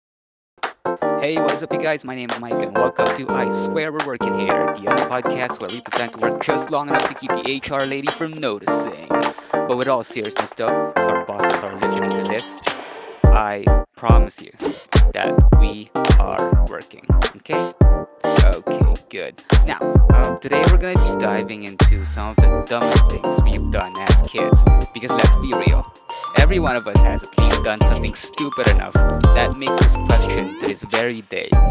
is up, you guys? My name is Mike, and welcome to I Swear We're Working Here, the only podcast where we pretend to work just long enough to keep the HR lady from noticing. But with all seriousness, though, if our bosses are listening to this, I promise you that we are working, okay? Okay, good. Now, today we're going to be diving into some of the dumbest things we've done as kids, because let's be real, every one of us has at least done something stupid enough that makes us question to this very day,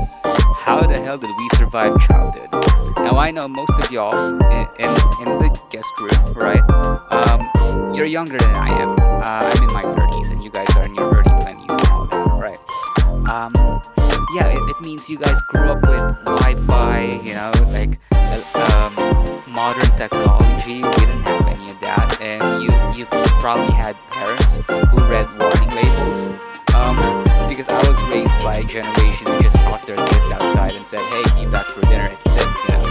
how the hell did we survive childhood? Now, I know most of y'all in the guest room, right? Um, you're younger than I am. I'm in my 30s, and you guys are in your early 20s and all that, right? Um, yeah, it means you guys grew up with Wi-Fi, you know, like uh, um, modern technology. We didn't have any of that, and you've probably had parents who read warning labels, um, because I was raised by a generation who just tossed their kids outside and said, "Hey, be back for dinner at 6," you know.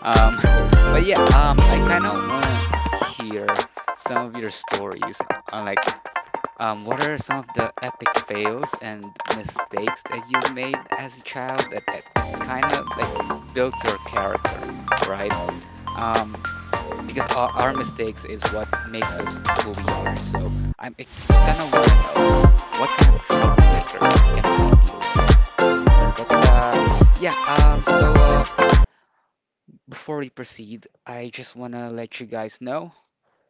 Um, but yeah, I kind of want to hear some of your stories, uh, like what are some of the epic fails and mistakes that you've made as a child that kind of like built your character, right? Um, because our mistakes is what makes us who we are. So I just kind of want to know what kind of troublemakers am I dealing with? But yeah, um, so uh, before we proceed, I just want to let you guys know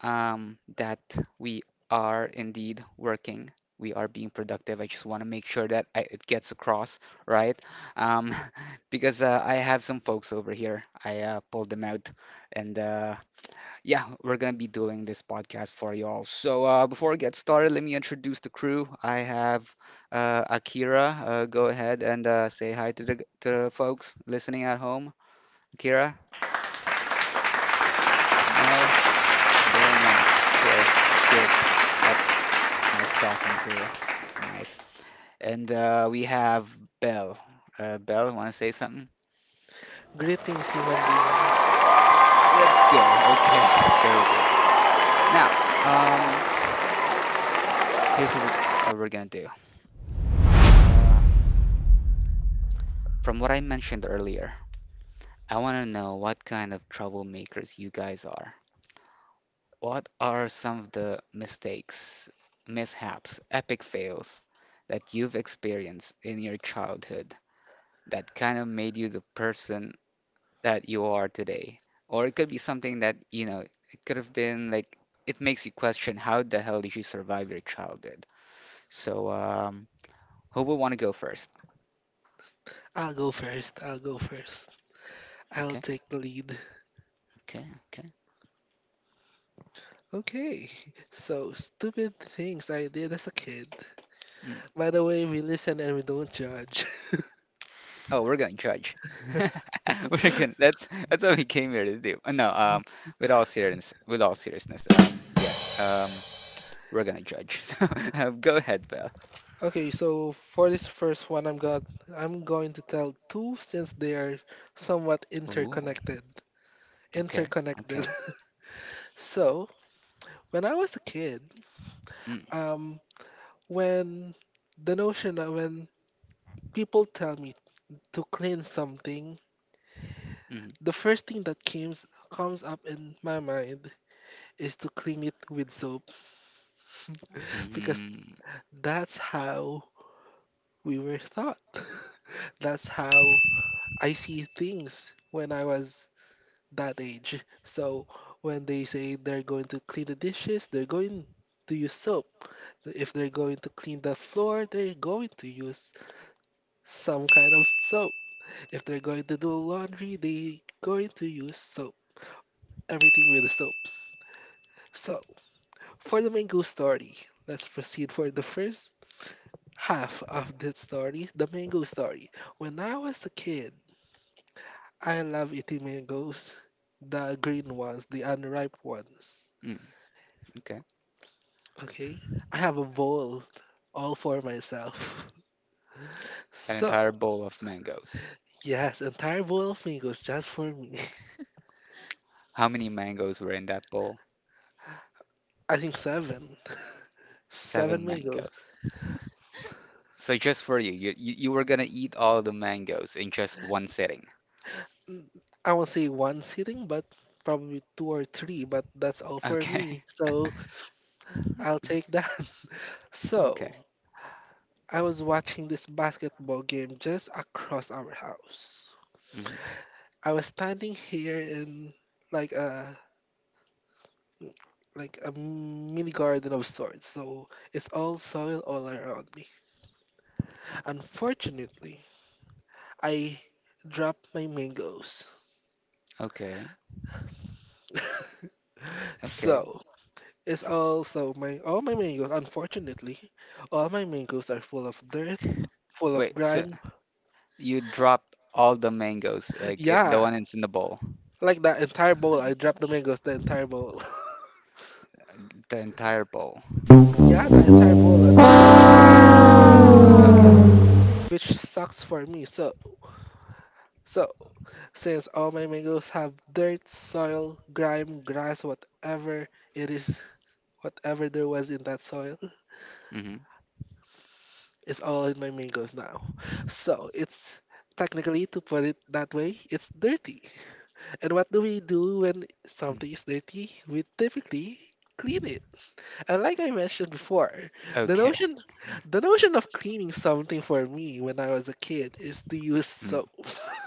that we are indeed working. We are being productive. I just want to make sure that it gets across, right? Um, because I have some folks over here. I pulled them out, and yeah, we're gonna be doing this podcast for y'all. So before I get started, let me introduce the crew. I have Akira. Go ahead and say hi to the folks listening at home. Akira? No? Very nice. Sure. Good. Yep. Nice talking to you. Nice. And we have Belle. Belle, want to say something? Greetings, human beings. Let's go. Okay, very good. Now, um, here's what we're gonna do. Uh, from what I mentioned earlier, I want to know what kind of troublemakers you guys are. What are some of the mistakes, mishaps, epic fails that you've experienced in your childhood that kind of made you the person that you are today. Or it could be something that, you know, it could have been like, it makes you question how the hell did you survive your childhood? So, who would want to go first? I'll go first. I'll go first. I'll Okay, take the lead. okay, okay. Okay. So, stupid things I did as a kid. Mm. By the way, we listen and we don't judge. Oh, we're gonna judge. That's what we came here to do. No, with all seriousness, yeah, we're gonna judge. So, go ahead, Belle. Okay, so for this first one, I'm going to tell two since they are somewhat Ooh, interconnected. okay, Interconnected. okay. So, when I was a kid, Mm, um when the notion of when people tell me to clean something. mm, The first thing that comes up in my mind is to clean it with soap because mm, that's how we were taught. That's how I see things when I was that age. So when they say they're going to clean the dishes, they're going to use soap. If they're going to clean the floor, they're going to use some kind of soap. If they're going to do laundry, they're going to use soap. Everything with soap. So, for the mango story, let's proceed for the first half of this story, the mango story. When I was a kid, I love eating mangoes, the green ones, the unripe ones. mm, okay. Okay? I have a bowl all for myself. An So, entire bowl of mangoes. yes, entire bowl of mangoes just for me. How many mangoes were in that bowl? I think seven. Seven Seven mangoes. mangoes. So just for you, you were gonna eat all the mangoes in just one sitting. Mm, I won't say one sitting, but probably two or three, but that's all for Okay. me. So, I'll take that. Okay. So, I was watching this basketball game just across our house. Hmm. I was standing here in like a like a mini garden of sorts, so it's all soil all around me. Unfortunately, I dropped my mangoes. Okay. Okay. So it's So, also my all my mangoes. Unfortunately, all my mangoes are full of dirt, full of wait, so grime. you dropped all the mangoes, like it, the Yeah, one that's in the bowl, like that entire bowl. I My dropped the gosh. mangoes, the entire bowl. the entire bowl. yeah, the entire bowl. Unfortunately. Okay. Which sucks for me. So, since all my mangoes have dirt, soil, grime, grass, whatever it is, whatever there was in that soil, Mm-hmm. it's all in my mangoes now. So it's, technically, to put it that way, it's dirty. And what do we do when Mm, something is dirty? We typically clean it. And like I mentioned before, the okay. notion the notion of cleaning something for me when I was a kid is to use Mm. soap.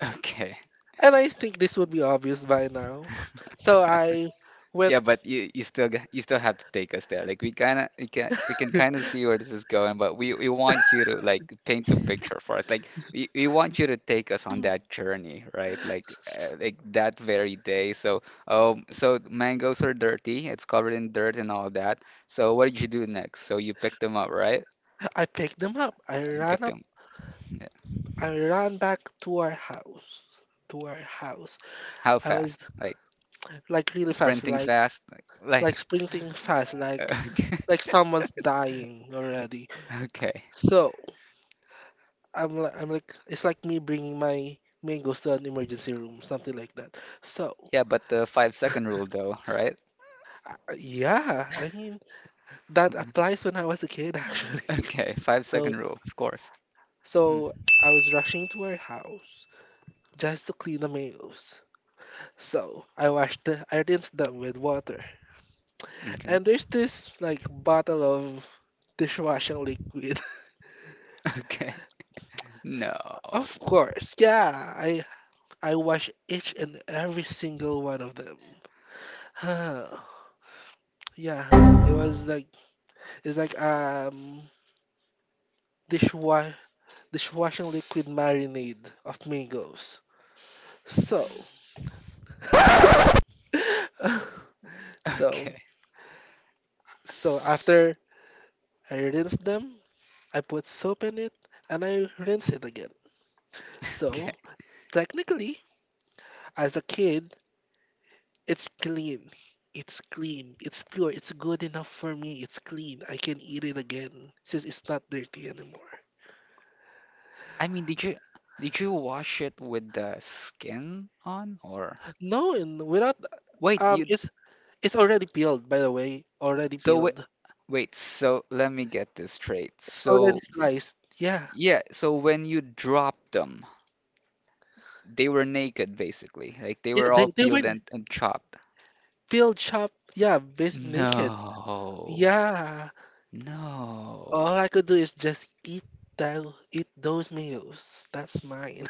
Okay. And I think this would be obvious by now. So I went, Yeah, but you still you still have to take us there. Like we kind of we can kind of see where this is going, but we want you to like paint a picture for us. Like we want you to take us on that journey, right? Like that very day. So so mangoes are dirty. It's covered in dirt and all that. So what did you do next? So you picked them up, right? I picked them up. You picked them. Yeah. I ran back to our house. To our house. How I was fast? Like like really fast, sprinting like fast? Like sprinting fast, like someone's dying already. okay. So I'm like, it's like me bringing my mangoes to an emergency room, something like that. So Yeah, but the 5 second rule though, right? Yeah, I mean that applies when I was a kid actually. Okay, five So second rule, of course. Mm, So I was rushing to her house just to clean the mails. So I rinsed them with water. okay. And there's this like bottle of dishwashing liquid. Okay. No. of course, yeah. I wash each and every single one of them. yeah. It was like it's like dishwa dishwashing liquid marinade of mangoes. So S- so Okay. so S- after I rinsed them, I put soap in it and I rinse it again. So, Okay. technically, as a kid, it's clean. It's clean. It's pure. It's good enough for me. It's clean. I can eat it again since it's not dirty anymore. I mean, did you wash it with the skin on or No, and without wait, um you it's it's already peeled, by the way. Already so wait, peeled. wait, so let me get this straight. Already So sliced. Yeah. yeah, so when you dropped them, they were naked basically. Like they Yeah, were all they were peeled and chopped. peeled, chopped. Yeah, bas naked. No. Yeah. No. All I could do is just that eat those meals. That's mine.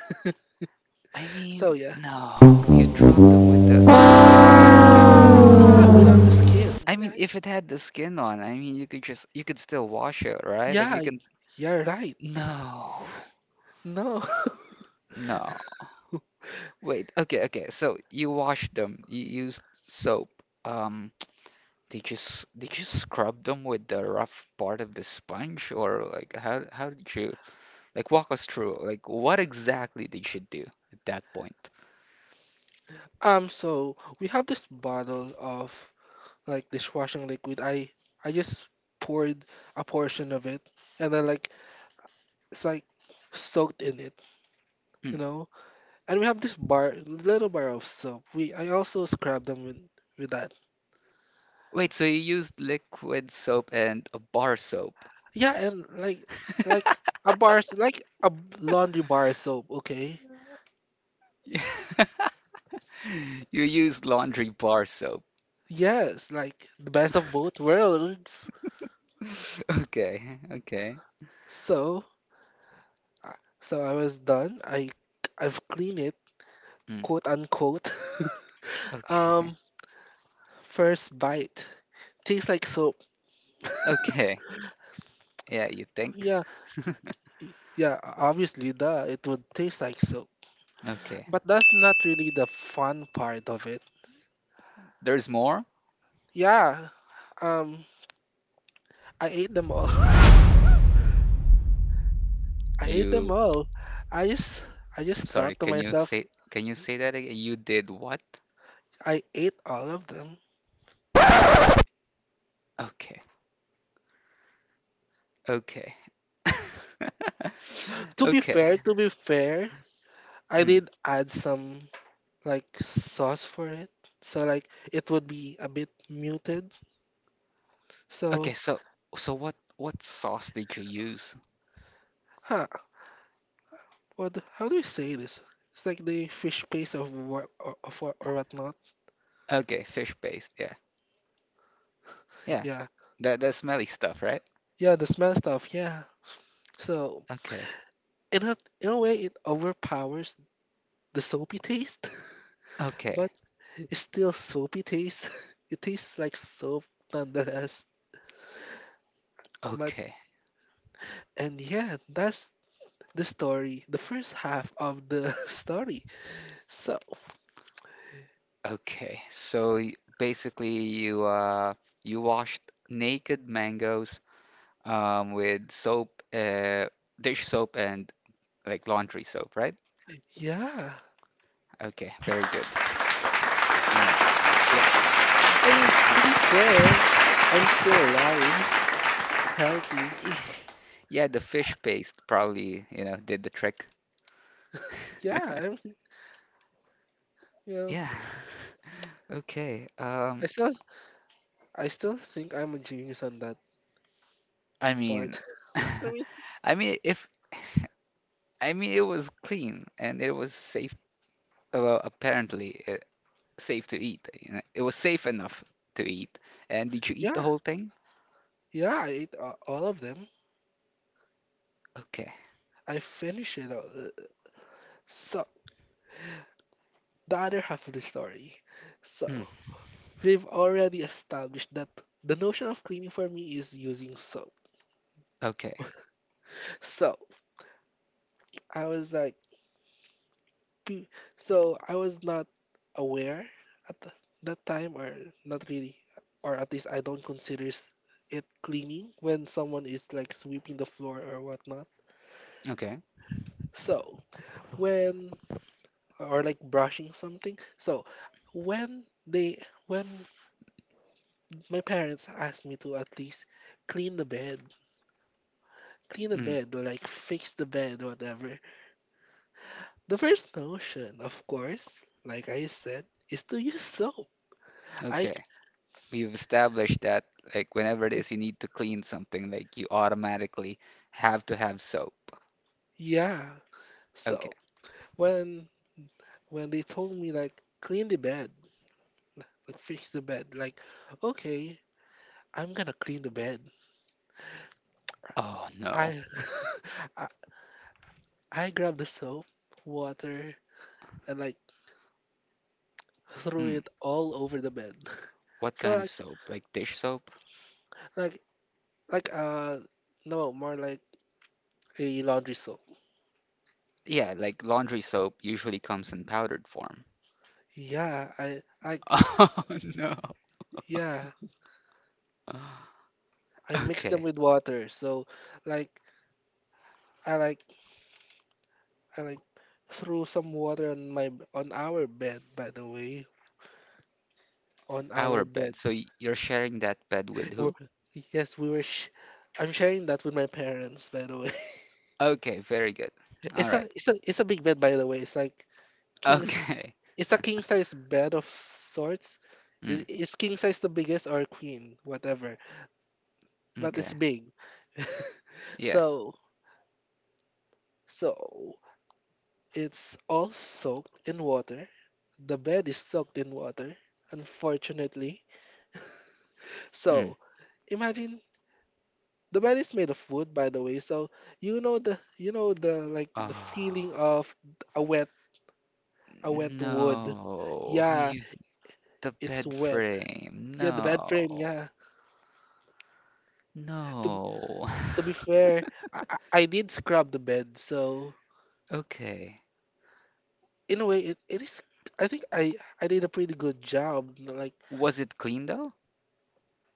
I So mean, yeah, no, you drop them with the without the skin on. Yeah, without the skin. I mean, Yeah, if it had the skin on, I mean, you could just you could still wash it, right? Like you yeah, can. you're right. No, No. no. Wait. Okay, okay. So you washed them. You used soap. Um, did you did you scrub them with the rough part of the sponge, or like how did you like walk us through? Like what exactly did you do at that point? So, we have this bottle of like dishwashing liquid. I just poured a portion of it, and then like it's like soaked in it, Hmm. you know. And we have this bar, little bar of soap. We I also scrub them with that. Wait, so you used liquid soap and a bar soap. Yeah, and like like a bar, like a laundry bar soap. Okay. You use laundry bar soap. Yes, like the best of both worlds. Okay, okay. So, so I was done. I've cleaned it, Mm, quote unquote. okay, um, first bite tastes like soap. okay. Yeah, you think? Yeah, yeah. Obviously, duh, it would taste like soap. Okay. But that's not really the fun part of it. There's more? Yeah. Um, I ate them all. I ate them You, all. I just I just I'm sorry, thought to myself, can you say that again? You did what? I ate all of them. Okay, okay. Okay. To be fair, I Mm. did add some, like sauce for it. So like it would be a bit muted. Okay, So so what sauce did you use? huh, what? How do you say this? It's like the fish paste of what or whatnot. Okay, fish paste. Yeah. Yeah. Yeah, That that smelly stuff, right? yeah, the smell stuff. Yeah. So, Okay. In a way, it overpowers the soapy taste, Okay. but it's still soapy taste. It tastes like soap nonetheless. But Okay. and yeah, that's the story, the first half of the story. So Okay, so basically you you washed naked mangoes with soap, dish soap and like laundry soap, right? yeah. Okay, very good. All right. Yep. I mean, Uh, to be fair, I'm still alive, healthy. y- yeah, the fish paste probably, you know, did the trick. Yeah, I'm. You know, Yeah. Okay. I still, I still think I'm a genius on that I mean, part. I mean, I mean if I mean, it was clean and it was safe. Well, apparently, safe to eat. You know, it was safe enough to eat. And did you eat the yeah, whole thing? yeah, I ate all of them. Okay. I finished it all. So the other half of the story. Mm, So we've already established that the notion of cleaning for me is using soap. okay. So I was like, P- So I was not aware at that time, or not really, or at least I don't consider it cleaning when someone is like sweeping the floor or whatnot. Okay. So when, or like brushing something. So when my parents asked me to at least clean the bed, clean the Mm, bed or like fix the bed, whatever. The first notion, of course, like I said, is to use soap. I c- okay. We've established that like whenever it is you need to clean something, like you automatically have to have soap. yeah. Okay. So when when they told me like clean the bed, like fix the bed, like okay, I'm gonna clean the bed. Oh no. I I, I grabbed the soap, water, and like threw Mm, it all over the bed. what So kind of like soap? Like dish soap? like like uh no, more like a laundry soap. Yeah, like laundry soap usually comes in powdered form. Yeah, I like Oh no. yeah, I mixed them Okay. with water. So like I like I like threw some water on my on our bed, by the way, on our Our bed. bed. So you're sharing that bed with Or- who? Yes, we were. I'm sharing that with my parents, by the way. Okay, very good. All It's a right. Big bed, by the way. It's like king's. Okay. It's a king size bed of sorts. Is Mm, is king size the biggest, or queen, whatever. But it's okay. big. Yeah. So so it's all soaked in water. The bed is soaked in water, unfortunately. Mm. So imagine, the bed is made of wood, by the way, so you know the like the Oh, feeling of a wet a wet wood. no. Yeah, The it's bed wet. frame. Yeah, the bed frame. Yeah. No. To No. to be fair, I I I did scrub the bed, so Okay. in a way, it is. I think I did a pretty good job. You know, like Was it clean though?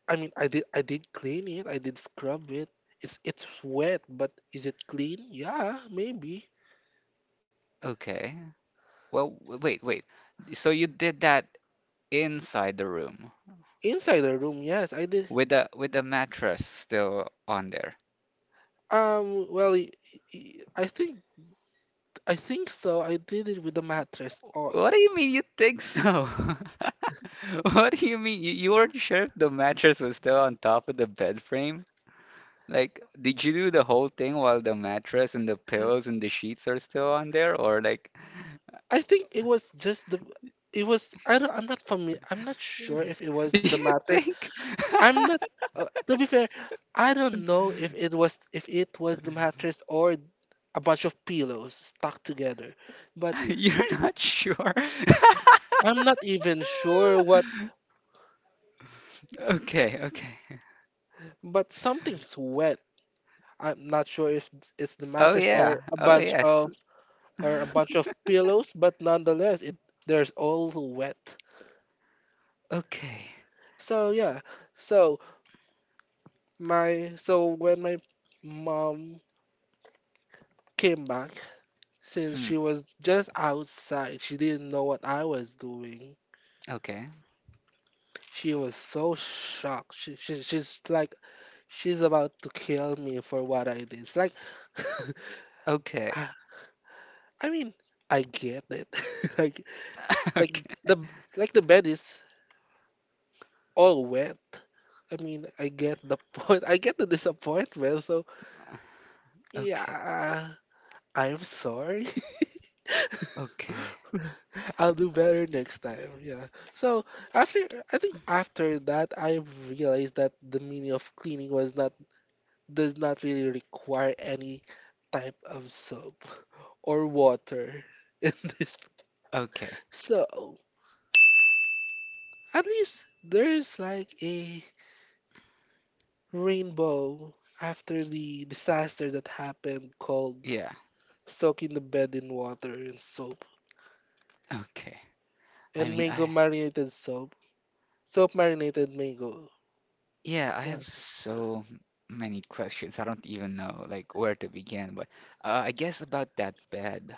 I mean, I did clean it. I did scrub it. It's wet, but is it clean? Yeah, maybe. Okay. Well, wait. So you did that inside the room Inside the room, yes, I did. With a mattress still on there. Um, well, y- I think, I think so. I did it with the mattress on. What do you mean you think so? What do you mean? You weren't sure if the mattress was still on top of the bed frame? Like, did you do the whole thing while the mattress and the pillows and the sheets are still on there? Or, like, I think it was just the, it was, I'm not sure if it was you the mattress. think I'm not to be fair, I don't know if it was the mattress or a bunch of pillows stuck together. But you're not sure? I'm not even sure what, Okay, okay. but something's wet. I'm not sure if it's the Oh, mattress or yeah. a Oh, bunch yes. of or a bunch of pillows, but nonetheless it there's all wet. Okay. So S- yeah. So my so when my mom came back. Since mm, she was just outside, she didn't know what I was doing. okay. She was so shocked. She's like she's about to kill me for what I did. It's like Okay. I, I mean, I get it. like like Okay. the like the bed is all wet. I mean, I get the point. I get the disappointment. So Okay. yeah, I'm sorry. Okay. I'll do better next time. Yeah. So after, I think after that I realized that the meaning of cleaning was not, does not really require any type of soap or water in this. Okay. So at least there's like a rainbow after the disaster that happened called Yeah. soaking the bed in water and soap Okay. I and mean, mango I marinated soap. Soap marinated mango. Yeah, I Yeah. have so many questions. I don't even know like where to begin, but I guess about that bed.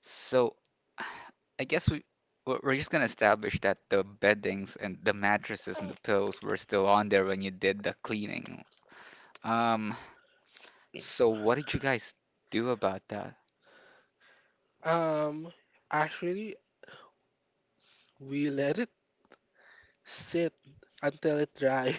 So I guess we're just gonna establish that the beddings and the mattresses and the pillows were still on there when you did the cleaning. Um, so what did you guys do about that? Um, actually, we let it sit until it dry.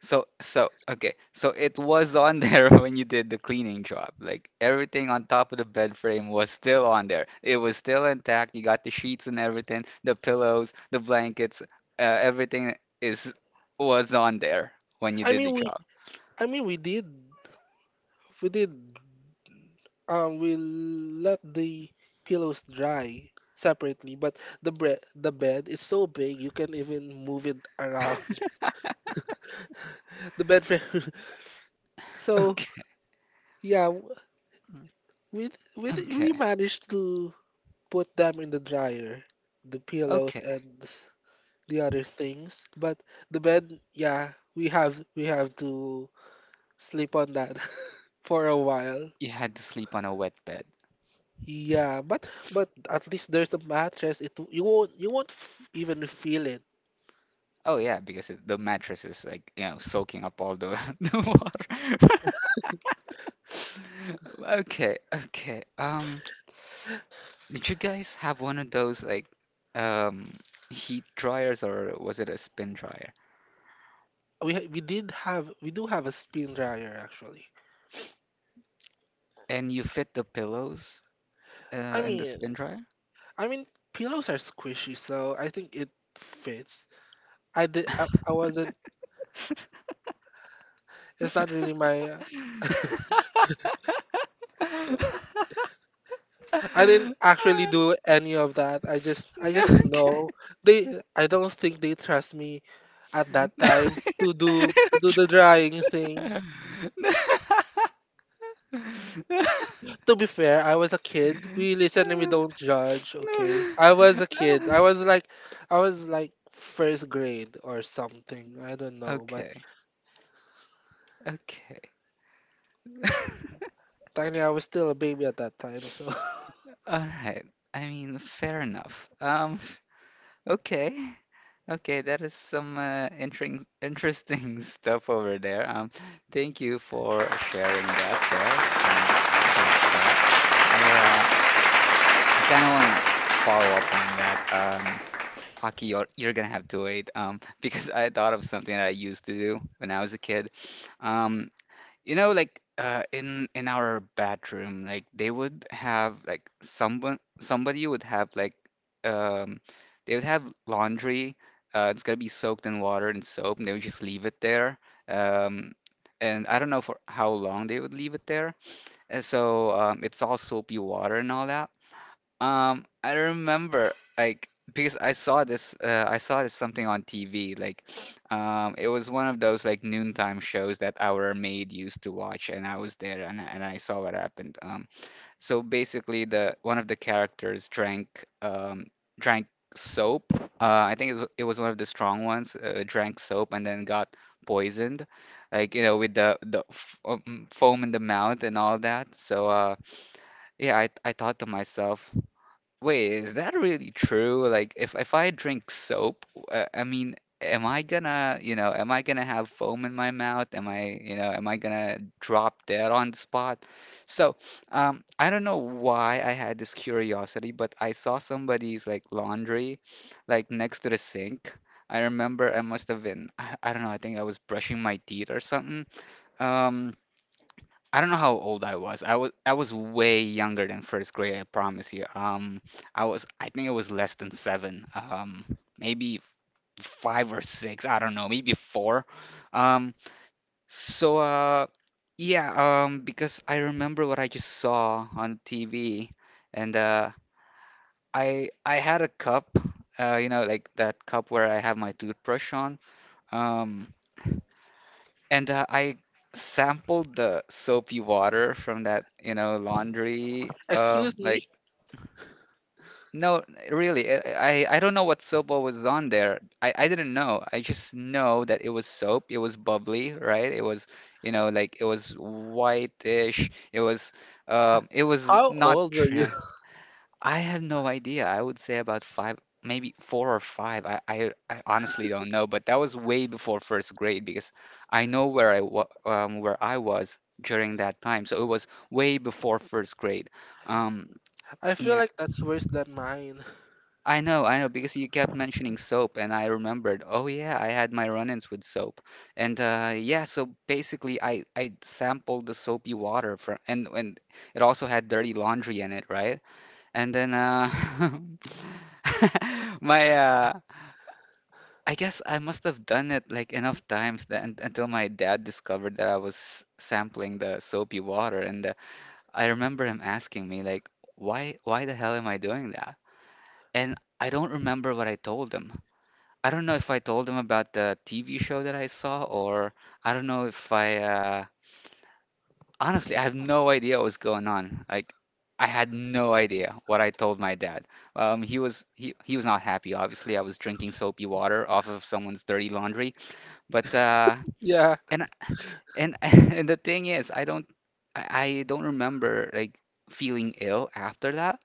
So okay, so it was on there when you did the cleaning job. Like everything on top of the bed frame was still on there. It was still intact. You got the sheets and everything, the pillows, the blankets, everything is was on there when you I did mean, the we, job. I mean, we did, we did. We let the pillows dry separately, but the the bed is so big you can even move it around. The bed frame. So Okay, yeah, we we okay, managed to put them in the dryer, the pillows okay. and the other things, but the bed, yeah, we have to sleep on that for a while. You had to sleep on a wet bed. Yeah, but at least there's a mattress. It w- you won't f- even feel it. Oh yeah, because the mattress is like, you know, soaking up all the the water. Okay, okay. Did you guys have one of those like um heat dryers or was it a spin dryer? We ha- we did have we do have a spin dryer actually. And you fit the pillows I in the mean spin dryer? I mean pillows are squishy, so I think it fits. I did I wasn't. It's not really my. I didn't actually do any of that. I just I No, just okay. know they. I don't think they trust me at that No. time to do to do the drying things. To be fair, I was a kid. We listen and we don't judge, okay? I was a kid. I No. was like I was like first grade or something. I don't know, but Okay. Okay. technically I was still a baby at that time, so All right. I mean, fair enough. Okay. Okay, that is some interesting interesting stuff over there. Thank you for sharing that, Belle. Clap, clap. I uh, I kind of want to follow up on that. Aki, you're gonna have to wait. Because I thought of something that I used to do when I was a kid. Um, like, in our bedroom, like they would have, like, someone somebody would have, like, um they would have laundry. It's gonna be soaked in water and soap, and they would just leave it there. um and I don't know for how long they would leave it there. And so it's all soapy water and all that. I remember, like, because I saw this something on TV, like it was one of those, like, noontime shows that our maid used to watch, and I was there, and I saw what happened. So basically, the one of the characters drank um drank soap. I think it was one of the strong ones. Drank soap and then got poisoned, like, you know, with the f foam in the mouth and all that. Yeah, I thought to myself, wait, is that really true? Like, if I drink soap, I mean, am I gonna, am I gonna have foam in my mouth? Am I, am I gonna drop dead on the spot? So, I don't know why I had this curiosity, but I saw somebody's, like, laundry, like next to the sink. I remember I must have been, I don't know, I think I was brushing my teeth or something. Um, I don't know how old I was. I was way younger than first grade, I promise you. I think I was less than seven. Maybe five or six. I don't know. Maybe four. Um, so yeah. Because I remember what I just saw on TV, and I had a cup. You know, like that cup where I have my toothbrush on. Um, And I sampled the soapy water from that, you know, laundry. Excuse Like, me? no, really, I don't know what soap was on there. I didn't know. I just know that it was soap. It was bubbly, right? It was, you know, like it was whitish. It was, H- um, it was How not. old were you? Trans I have no idea. I would say about five, maybe four or five. I honestly don't know, but that was way before first grade because I know where I wa where I was during that time. So it was way before first grade. Um, I feel yeah, like that's worse than mine. I know, because you kept mentioning soap, and I remembered. Oh yeah, I had my run-ins with soap, and yeah. So basically, I sampled the soapy water for, and it also had dirty laundry in it, right? And then My, uh, I guess I must have done it, like, enough times that un until my dad discovered that I was sampling the soapy water, and I remember him asking me, like, why the hell am I doing that?" And I don't remember what I told him. I don't know if I told him about the TV show that I saw, or I don't know if I, honestly, I had no idea what was going on. Like, I had no idea what I told my dad. He was not happy, obviously. I was drinking soapy water off of someone's dirty laundry. But Yeah, and and and the thing is, I, I don't remember, like, feeling ill after that.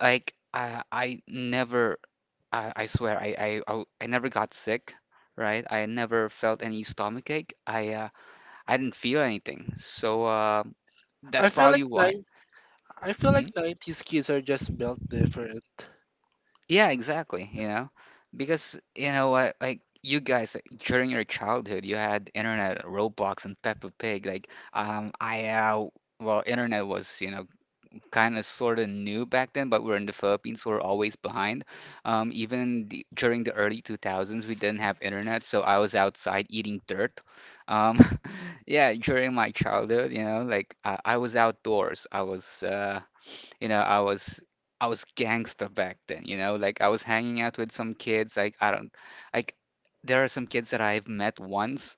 Like I never, I swear I never got sick, right? I never felt any stomach ache. I didn't feel anything. So I that's feel like probably why. nine. I feel Hmm? like nineties kids are just built different, Yeah, exactly, you know, because you know what, like you guys, like, during your childhood, you had internet, Roblox, and Peppa Pig. Like, I well, internet was, you know, kind of sort of new back then, but we are in the Philippines, so we're always behind. Even during the early 2000s, we didn't have internet, so I was outside eating dirt. Um, yeah, during my childhood, you know, like I was outdoors. I was you know, I was gangster back then, you know, like I was hanging out with some kids, like I don't, like there are some kids that I've met once,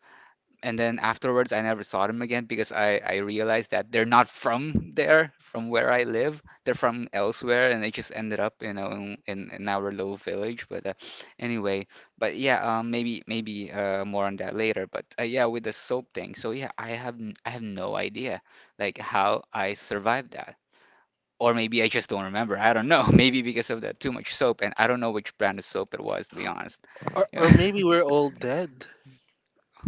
and then afterwards I never saw them again because I realized that they're not from there, from where I live. They're from elsewhere and they just ended up, you know, in our little village, but anyway, but yeah, maybe maybe more on that later, but yeah, with the soap thing. So yeah, I have no idea, like, how I survived that. Or maybe I just don't remember. I don't know. Maybe because of the too much soap, and I don't know which brand of soap it was, to be honest. Or maybe we're all dead,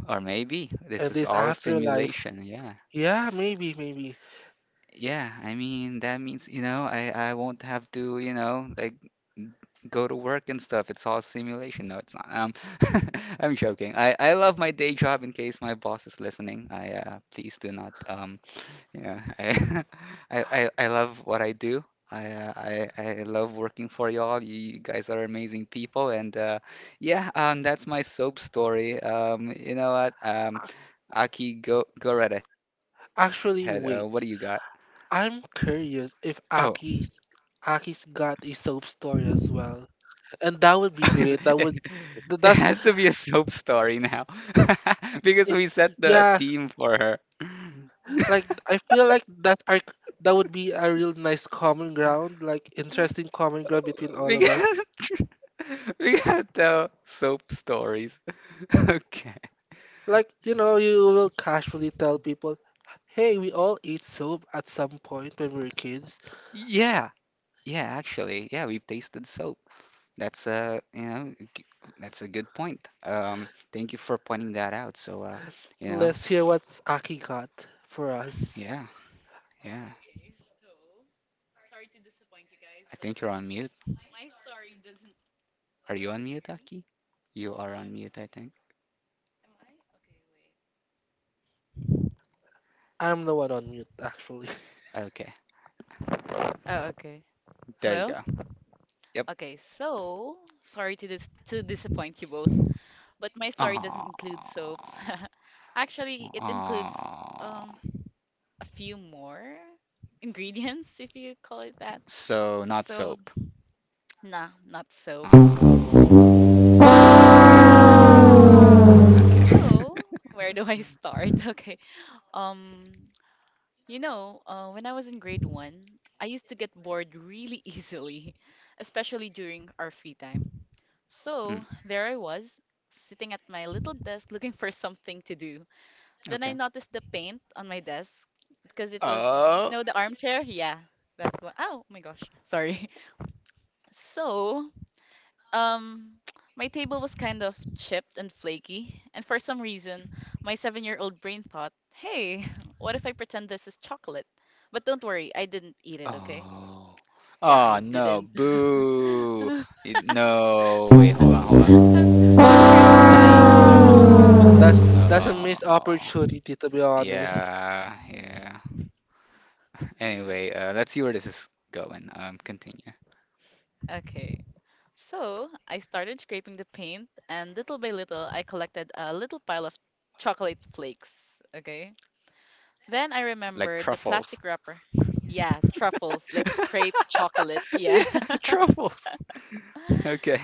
Or maybe this and is this all afterlife. simulation. Yeah. Yeah, maybe, maybe. Yeah, I mean that means, you know, I won't have to, you know, like go to work and stuff. It's all simulation. No, it's not. I'm joking. I love my day job in case my boss is listening. I please do not Yeah, I love what I do. I love working for y'all. You guys are amazing people, and yeah, that's my soap story. You know what? A- Aki, go right ahead. What do you got? Actually, wait. I'm Oh, curious if Aki's got a soap story as well, and that would be great. That it would th- it that's has to be a soap story now, because y- we set the yeah. theme for her. Like I feel like that are that would be a real nice common ground, like interesting common ground between all We of us. gotta we gotta tell soap stories. Okay. Like you know, you will casually tell people, "Hey, we all ate soap at some point when we were kids." Yeah, yeah, actually, yeah, we've tasted soap. That's a, you know, g- that's a good point. Thank you for pointing that out. So, you know, Let's hear what's Aki got for us. yeah, yeah. Okay, so sorry to disappoint you guys, I but think you're on mute. my story doesn't. Are Hello, you can on you mute, hear me? Aki? You No, are on I'm not. mute, I think. Am I? Okay, wait. I'm the one on mute, actually. Okay, Oh, okay. there you Hello? go. Yep. Okay, so sorry to disappoint you both, but my story doesn't include Ah. soaps. Actually, it includes Ah. um a few more ingredients, if you call it that. So not So, soap. nah, not soap. Ah. Okay. So, Okay. where do I start? Okay. Um, You know, when I was in grade one, I used to get bored really easily, especially during our free time. So Mm, there I was, sitting at my little desk looking for something to do. Then I okay. noticed the paint on my desk because it was, you Oh. know, the armchair. Yeah, that one. Oh my gosh, sorry. So um my table was kind of chipped and flaky, and for some reason, my seven-year-old brain thought, "Hey, what if I pretend this is chocolate?" But don't worry, I didn't eat it, okay? Oh. Yeah, Oh I no, didn't. boo. No, wait, hold on, hold on. There I'm scared of we go. dying, you know. That's a No. missed opportunity, to be honest. Yeah, yeah. Anyway, let's see where this is going. Continue. Okay. So I started scraping the paint, and little by little, I collected a little pile of chocolate flakes. Okay. Then I Like remembered the plastic truffles. wrapper. Yeah, truffles, like scraped chocolate. Yeah. Yeah, truffles. Okay.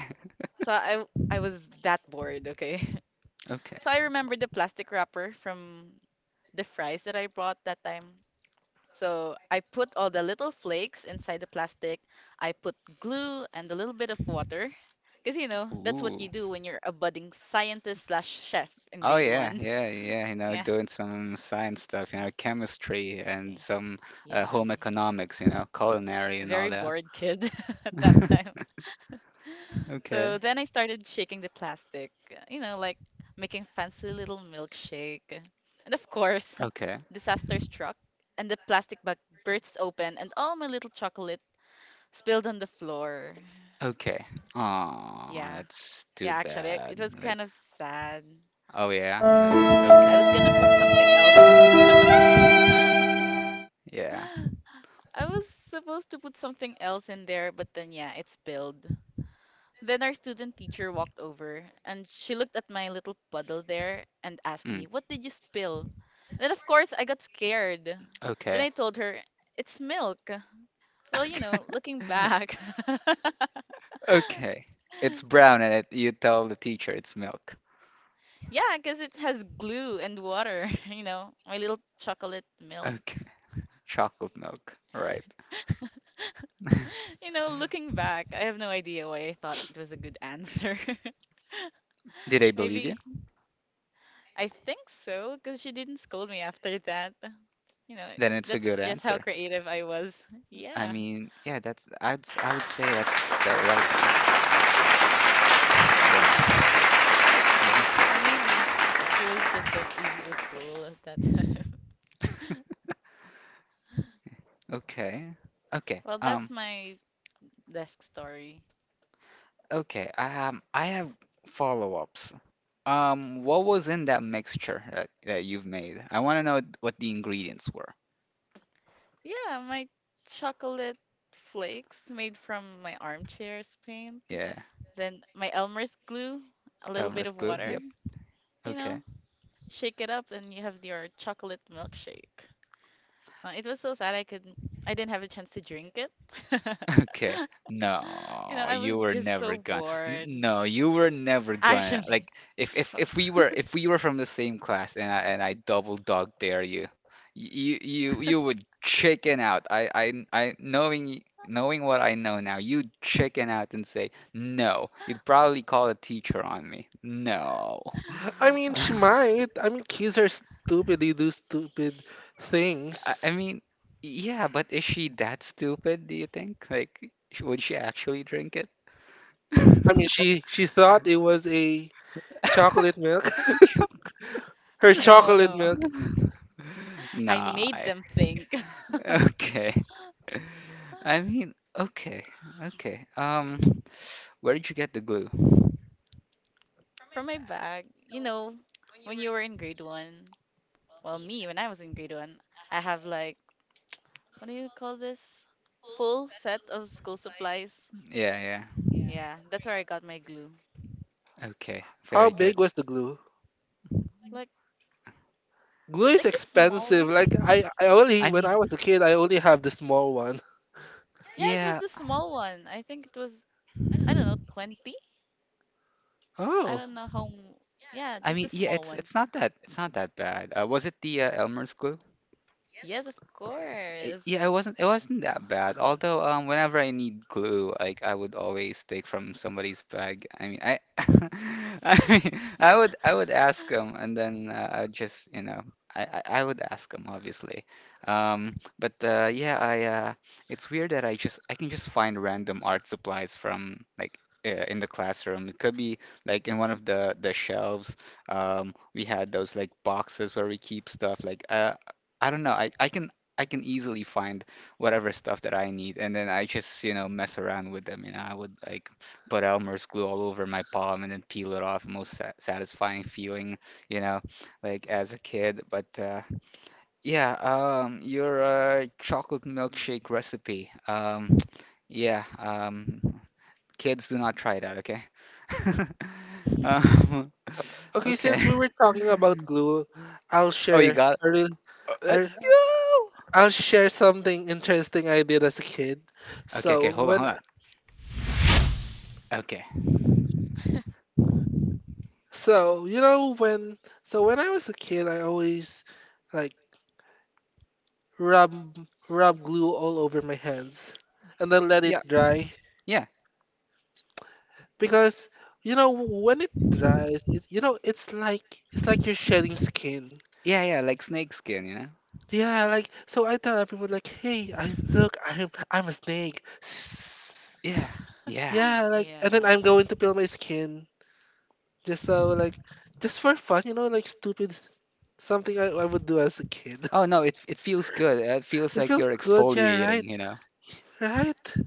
So I was that bored, okay? Okay. So I remembered the plastic wrapper from the fries that I bought that time. So I put all the little flakes inside the plastic. I put glue and a little bit of water. Because, you know, that's what you Ooh. do when you're a budding scientist slash chef in Oh grade yeah, one. yeah, yeah. You know, Yeah. doing some science stuff, you know, chemistry and some Yeah. home economics, you know, culinary and all Very that. bored kid at that time. Okay. So then I started shaking the plastic, you know, like making fancy little milkshake. And of course, Okay. disaster struck, and the plastic bag bursts open, and all my little chocolate spilled on the floor. Okay. Oh, Yeah, that's too yeah, actually, bad. it was Like, kind of sad. oh yeah, like I was okay. gonna put something else. Yeah. I was supposed to put something else in there, but then yeah, it spilled. Then our student teacher walked over and she looked at my little puddle there and asked me, Mm, what did you spill? Then, of course, I got scared. Then okay. I told her, it's milk. Well, you know, looking Okay. back. Okay. It's Y- brown and you tell the teacher it's milk. yeah, because it has glue and water, you know, my little chocolate milk. Okay. Chocolate milk. Right. You know, looking back, I have no idea why I thought it was a good answer. Did they believe you? Maybe I think so, because she didn't scold me after that. You know, Then it's a good that's just how answer. creative I was. I Yeah. mean, yeah, I would say that's the right answer. Yeah. Oh, Yeah. thank you very much. Or maybe she was just like easy to fool at that time. Okay. Okay. Well, that's my desk story. Okay. I have follow-ups. What was in that mixture that you've made? I want to know what the ingredients were. Yeah, my chocolate flakes made from my armchair's paint. Yeah, Then my Elmer's glue, a little bit Elmer's of glue. water, Yep. you Okay. know, shake it up, and you have your chocolate milkshake. It was so sad. I couldn't. I didn't have a chance to drink it. Okay. You know, No, I you was were just never so gonna. Bored. No, you were never gonna. Actually, Like, if we were from the same class, and I double dog dare you, you would chicken out. Knowing what I know now, you'd chicken out and say no. You'd probably call a teacher on me. No. I mean, she well, might. I mean, kids are stupid. They do stupid things. I mean, yeah, but is she that stupid, do you think? Like, would she actually drink it? I mean, she thought it was a chocolate milk. Shock. Her no, chocolate no. milk. I Nah. made them think. Okay. I mean, okay. Okay. Where did you get the glue? From my bag, you know, when you were in grade one, well, me, when I was in grade one, I have like, what do you call this? Full set of school supplies. Yeah, yeah. Yeah, that's where I got my glue. Okay. How Very good. big was the glue? Like, Glue is like the small expensive. one. Like I only I when mean, I was a kid, I only have the small one. Yeah, it was yeah. the small one. I think it was I don't know, 20? I Oh, don't know how. Yeah, I just a mean, yeah, small it's one. it's not that, it's not that bad. Was it the Elmer's glue? Yes, of Yeah, it course. wasn't it wasn't that bad. Although whenever I need glue, like I would always take from somebody's bag. I mean, I I mean, I would ask them, and then I would just, you know, I would ask them, obviously. But yeah, I it's weird that I can just find random art supplies from, like, in the classroom. It could be like in one of the shelves. We had those, like, boxes where we keep stuff, like, I don't know. I can easily find whatever stuff that I need, and then I just, you know, mess around with them. You know, I would, like, put Elmer's glue all over my palm and then peel it off. Most sa satisfying feeling, you know, like as a kid. But yeah, your chocolate milkshake recipe. Yeah, kids, do not try it out, okay? Um, okay. okay. Since we were talking about glue, I'll Oh, you share got it? a real Oh, I, let's go. I'll share something interesting I did as a kid. Okay, okay, So hold on, when hold on. Okay. So, you know, when so when I was a kid, I always like rub rub glue all over my hands and then let Yeah, it dry yeah. because you know when it dries, it you know it's like you're shedding skin. Yeah, yeah, like snake skin, you know? Yeah, like so I tell everyone like, "Hey, I look, I'm a snake." Yeah, yeah. Yeah, like Yeah. and then I'm going to peel my skin just so like just for fun, you know, like stupid something I would do as a kid. Oh no, it feels good. It feels It like feels you're good, yeah, exfoliating, right? you know? Right?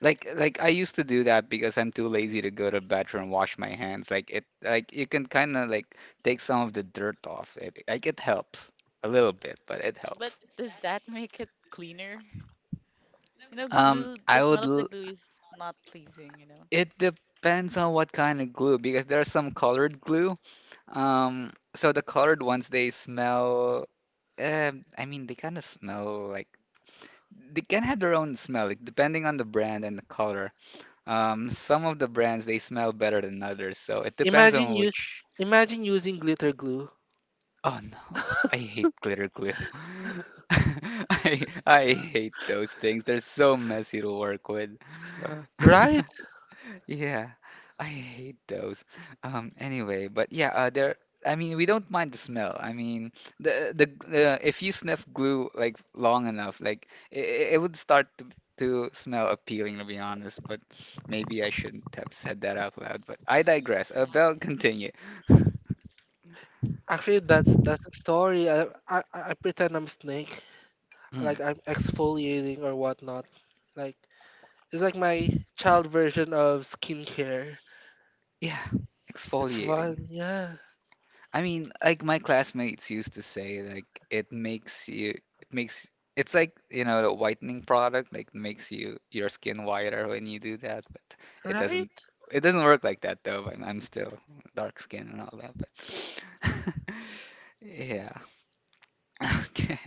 Like I used to do that because I'm too lazy to go to bathroom and wash my hands. Like it like you can kind of, like, take some of the dirt off it. Like it helps a little bit, but it But helps. does that make it cleaner? You know, glue, the I smell would of the l glue is not pleasing, you know. It depends on what kind of glue because there's some colored glue. So the colored ones they smell I mean they kind of smell like they can have their own smell, like, depending on the brand and the color. Some of the brands they smell better than others, so it depends Imagine on you which. Imagine using glitter glue. Oh no, I hate glitter glue. I hate those things. They're so messy to work with. Right? Yeah, I hate those. Anyway, but yeah, there. I mean, we don't mind the smell. I mean, the if you sniff glue like long enough, like it would start to smell appealing, to be honest. But maybe I shouldn't have said that out loud. But I digress. Yeah. Belle, continue. Actually that's the story. I pretend I'm snake. Like Mm, I'm exfoliating or whatnot. Like it's like my child version of skincare. yeah, It's exfoliating. fun, yeah. I mean, like my classmates used to say, like it makes, it's like, you know, the whitening product, like makes you your skin whiter when you do that, but it doesn't, Right? it doesn't work like that though. I'm still dark skin and all that, but yeah. Okay.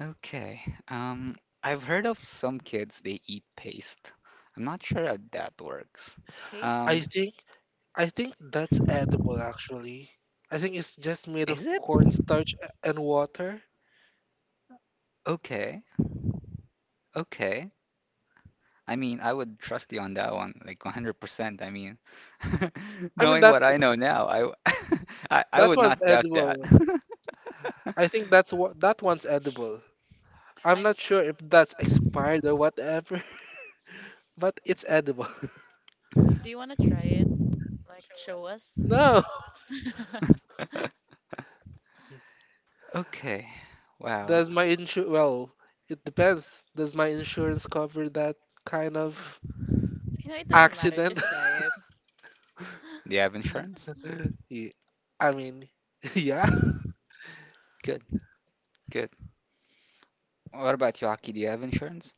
Okay. Um, I've heard of some kids they eat paste. I'm not sure how that works. Paste? I Um, think I think that's edible actually. I think it's just made of is it? cornstarch and water. Okay. Okay. I mean, I would trust you on that one, like 100%. I mean, I mean knowing that what I know now, I that would one's not doubt that. edible. I think that's what that one's edible. I'm I'm. not sure if that's expired or whatever, but it's edible. Do you want to try it? Like, show us? No. Okay. Wow. Does my insurance, well, it depends. Does my insurance cover that kind of You know, it doesn't matter. accident? Just try it. Do you have insurance? Ye- I mean, yeah. Good, good. What about you, Aki? Do you have insurance?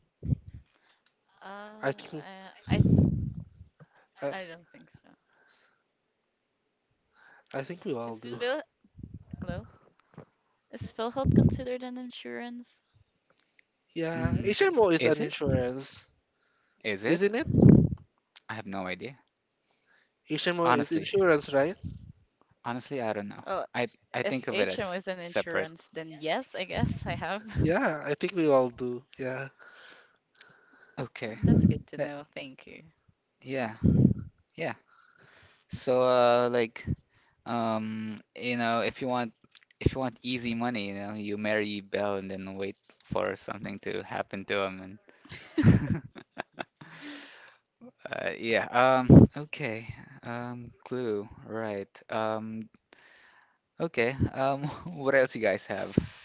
I Uh, think I I, th- I, I don't think so. I think we all Is do. Phil hello? Is PhilHealth considered an insurance? Yeah, Mm, HMO is is an it? insurance, Is it? isn't it? I have no idea. HMO is Honestly, insurance, right? Honestly, I don't know. Oh, I if think of it HM as is an separate. insurance, then yes, I guess I have. Yeah, I think we all do. Yeah. Okay. That's good to That, know. Thank you. yeah, yeah. So, you know, if you want easy money, you know, you marry Belle and then wait for something to happen to him and yeah, okay. Clue, right. Okay. What else you guys have?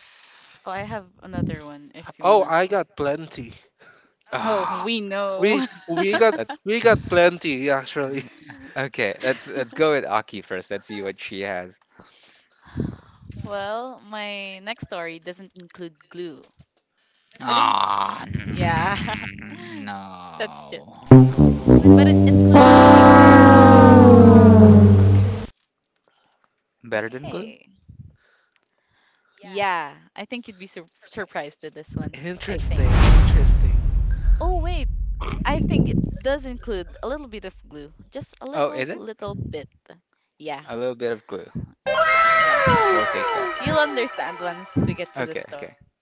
Oh, I have another one if you want Oh, to. I got plenty. Oh, Ah, we We know. we got that's we got plenty actually. okay. Let's go with Aki first. Let's see what she has. Well, my next story doesn't include glue, but in Ah, yeah, that's it. no, no, no, no. But it No. includes something else, you know. No. Okay, better than glue? Okay. Yeah, I think you'd be surprised at this one. I think. Interesting, interesting. Oh wait, I think it does include a little bit of glue, just a Oh, little, is it? little bit. Yeah, A little bit of glue. We'll yeah. take that. You'll understand once we get to the Okay, okay, story.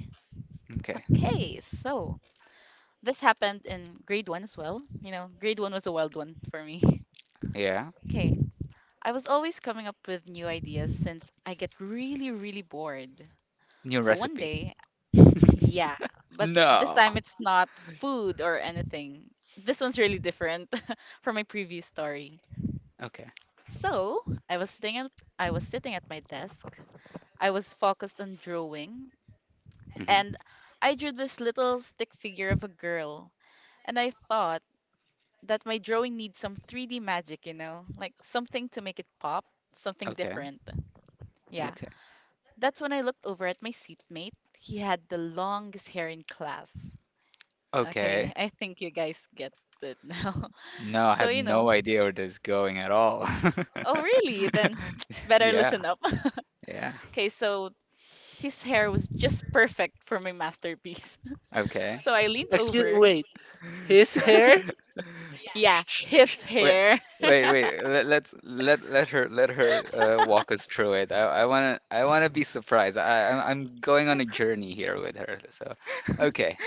Okay, okay. so this happened in grade one as well. You know, grade one was a wild one for me. Yeah. Okay, I was always coming up with new ideas since I get really, really bored. New So one recipe. day, yeah, but this No. time it's not food or anything. This one's really different from my previous story. Okay. So I was sitting at my desk. I was focused on drawing Hmm. and I drew this little stick figure of a girl. And I thought that my drawing needs some 3D magic, you know, like something to make it pop, something Okay. different. Yeah. Okay. That's when I looked over at my seatmate. He had the longest hair in class. Okay, Okay. I think you guys get it now. No, I So, have you know, no idea where this is going at all. oh, really? Then better Yeah. listen up. Yeah. Okay, so his hair was just perfect for my masterpiece. Okay. So I leaned Excuse over. wait. His What? hair? Yeah, his Wait. hair. Wait, wait. Let her walk us through it. I wanna be surprised. I'm I'm going on a journey here with her. So, okay.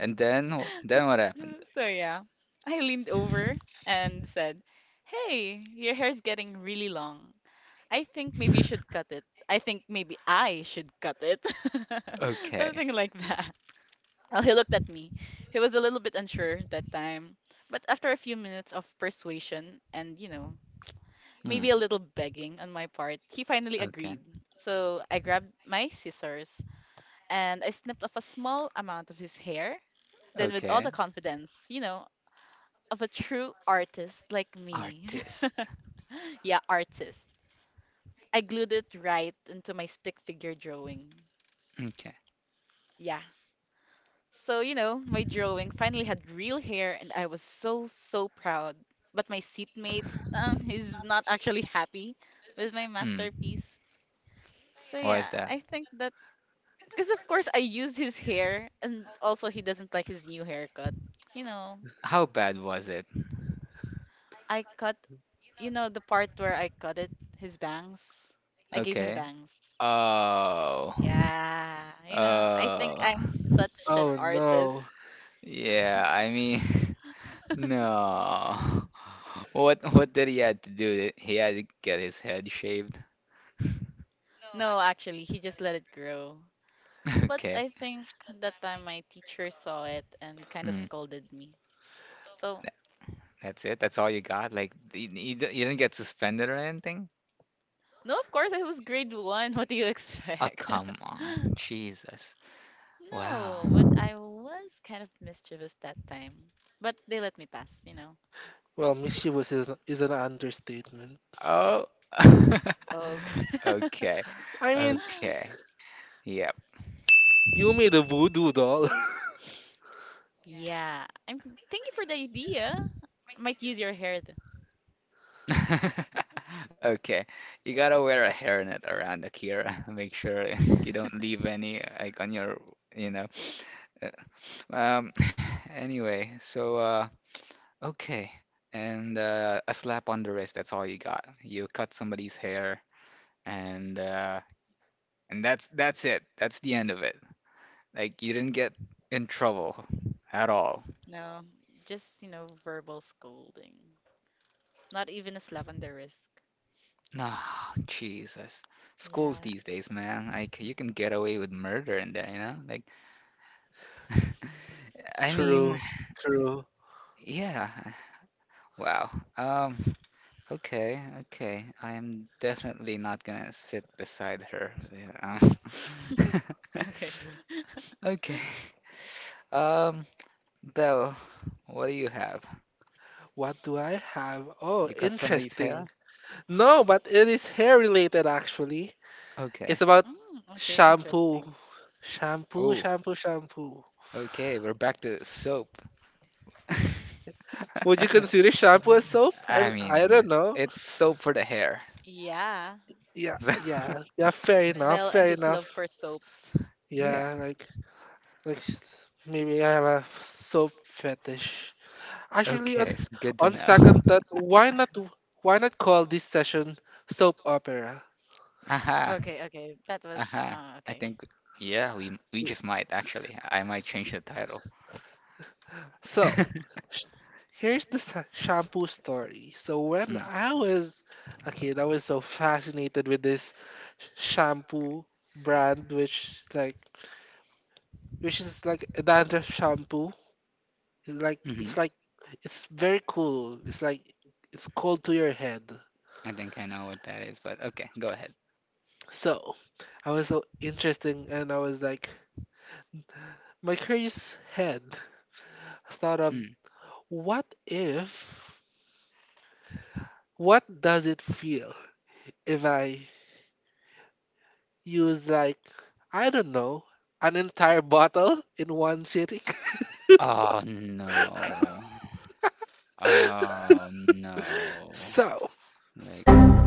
And then what happened? So yeah, I leaned over and said, "Hey, your hair's getting really long. I think maybe you should cut it. I think maybe I should cut it." Okay. Something like that. Well, he looked at me. He was a little bit unsure that time, but after a few minutes of persuasion and, you know, Mm. maybe a little begging on my part, he finally Okay. agreed. So I grabbed my scissors and I snipped off a small amount of his hair. Then with all Okay. the confidence, you know, of a true artist like me. Artist. Yeah, artist. I glued it right into my stick figure drawing. Okay. Yeah. So, you know, my drawing finally had real hair and I was so, so proud. But my seatmate, he's not actually happy with my Mm. masterpiece. So, Why is yeah, that? I think that because, of course, I used his hair and also he doesn't like his new haircut. You know, How bad was it? I cut, the part where I cut it, his bangs. I gave him Okay. bangs. Oh. Yeah, you know, I think Oh. I'm such an Oh no. artist. Yeah, I mean, no. What did he had to do? He had to get his head shaved. No, actually, he just let it grow. But Okay. I think that time my teacher saw it and kind of Mm. scolded me. So, Tha- That's it? That's all you got? Like you didn't get suspended or anything? no, of course, I was grade one. What do you Oh, expect? come on. Jesus. Wow. No, but I was kind of mischievous that time. But they let me pass, you know. Well, mischievous is an understatement. Oh. Oh. Okay. I mean, Okay. Yep. you made a voodoo doll. Yeah. I'm thank you for the idea. I might use your head. Okay. You gotta wear a hairnet around the ear. Make sure you don't leave any like on you know. Uh, Um, anyway, so okay. And a slap on the wrist, that's all you got. You cut somebody's hair and uh and that's it. That's the end of it. Like you didn't get in trouble at all. No, just you know, verbal scolding. Not even a slap on the wrist. Ah, Jesus. Schools Yeah. these days, man. Like you can get away with murder in there, you know? Like I True, mean, true. yeah. Wow. Um, okay, okay. I am definitely not gonna sit beside her. Yeah. um, Okay. Okay. Um, Belle, what do you have? What do I have? Oh, You cut somebody's interesting. hair? No, but it is hair related actually. It's Okay. about Mm, okay, shampoo. interesting. Shampoo, Oh, shampoo, shampoo. okay. We're back to soap. Would you I consider shampoo as soap? I don't mean, know. it's soap for the hair. Yeah. Yeah, yeah, So yeah. Fair enough. Bell and Fair his love for enough. soaps. Yeah. Yeah, like maybe I have a soap fetish. Actually, Okay. Good to on know. second thought, why not call this session soap opera? Aha. Okay, okay. That was Aha. I okay. think yeah, we It- just might actually. I might change the title. So, sh- Here's the shampoo story. So when Mm. I was a kid, I was so fascinated with this sh- shampoo brand, which is like a dandruff shampoo. It's Hmm. like Mm-hmm. it's like it's very cool. It's like it's cold to your head. I think I know what that is, but okay, go ahead. So I was so interesting and I was like, my curious head thought of Mm. what if, what does it feel if I use like, I don't know, an entire bottle in one sitting? Oh no. Oh no. so, s- Like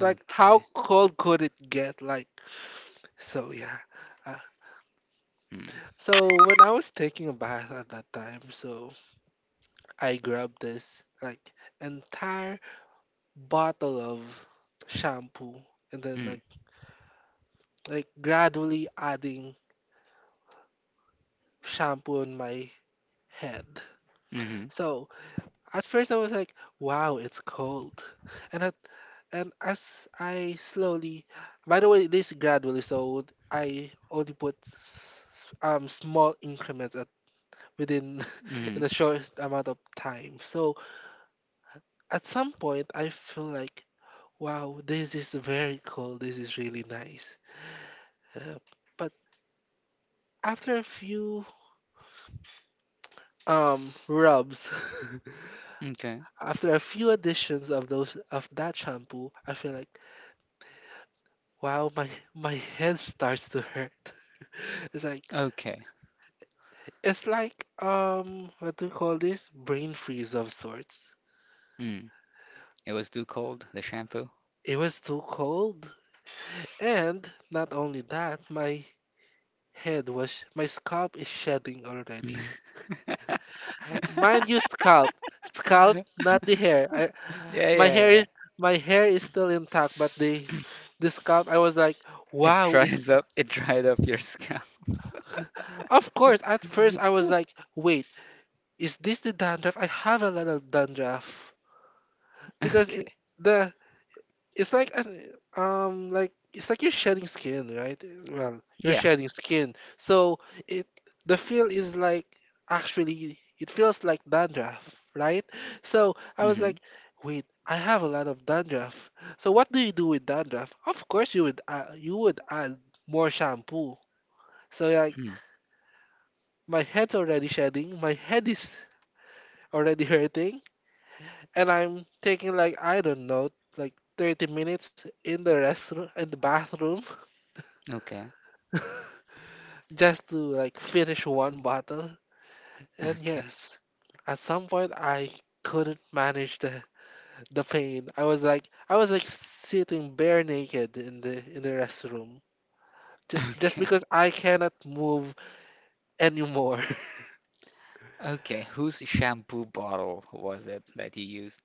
like, how okay. cold could it get? Like, so yeah. Uh, Mm. so when I was taking a bath at that time, so I grabbed this like entire bottle of shampoo and then Mm. like gradually adding shampoo on my head. Hmm. So at first I was like, wow, it's cold. And at, and as I slowly by the way, this gradually so I only put small increments at within Mm-hmm. in a short amount of time. So at some point I feel like wow, this is very cold. This is really nice. Uh, but after a few rubs, Okay. after a few additions of those of that shampoo, I feel like wow, my head starts to hurt. It's like Okay. it's like what do you call this? Brain freeze of sorts. Mm. It was too cold, the shampoo. It was too cold. And not only that, my head was my scalp is shedding already. Mind you scalp. Scalp, not the hair. Yeah, My hair is yeah, my hair is still intact but the scalp I was like it wow is dries up. It dried up your scalp. of course at first I was like wait is this the dandruff I have a lot of dandruff because Okay. the it's like like it's like you're shedding skin, right? Well, you're Yeah. shedding skin. So it the feel is like Actually it feels like dandruff, right? So I was Mm-hmm. like, wait, I have a lot of dandruff. So what do you do with dandruff? Of course you would add more shampoo. So like Mm. my head's already shedding, my head is already hurting, and I'm taking like I don't know like 30 minutes in the restroom in the bathroom Okay. just to like finish one bottle. And Okay. yes, at some point I couldn't manage the pain. I was like sitting bare naked in the restroom just Okay. because I cannot move anymore. Okay. Whose shampoo bottle was it that you used?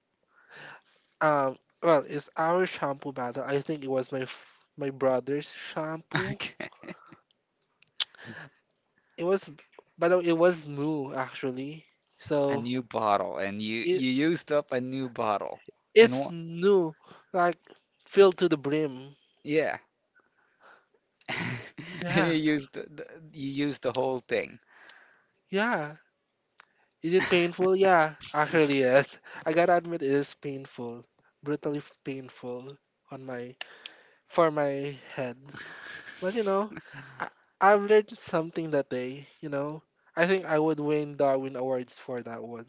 Um, well, it's our shampoo bottle. I think it was my brother's shampoo. Okay. It was, by the way, it was new actually. A So new bottle, and it you used up a new bottle. And it's what? new, like filled to the brim. Yeah. You Yeah, used the you used the whole thing. yeah. Is it painful? Yeah, actually, yes. I gotta admit, it is painful, painful on my for my head. But you know, I, I've learned something that day. You know, I think I would win Darwin Awards for that one.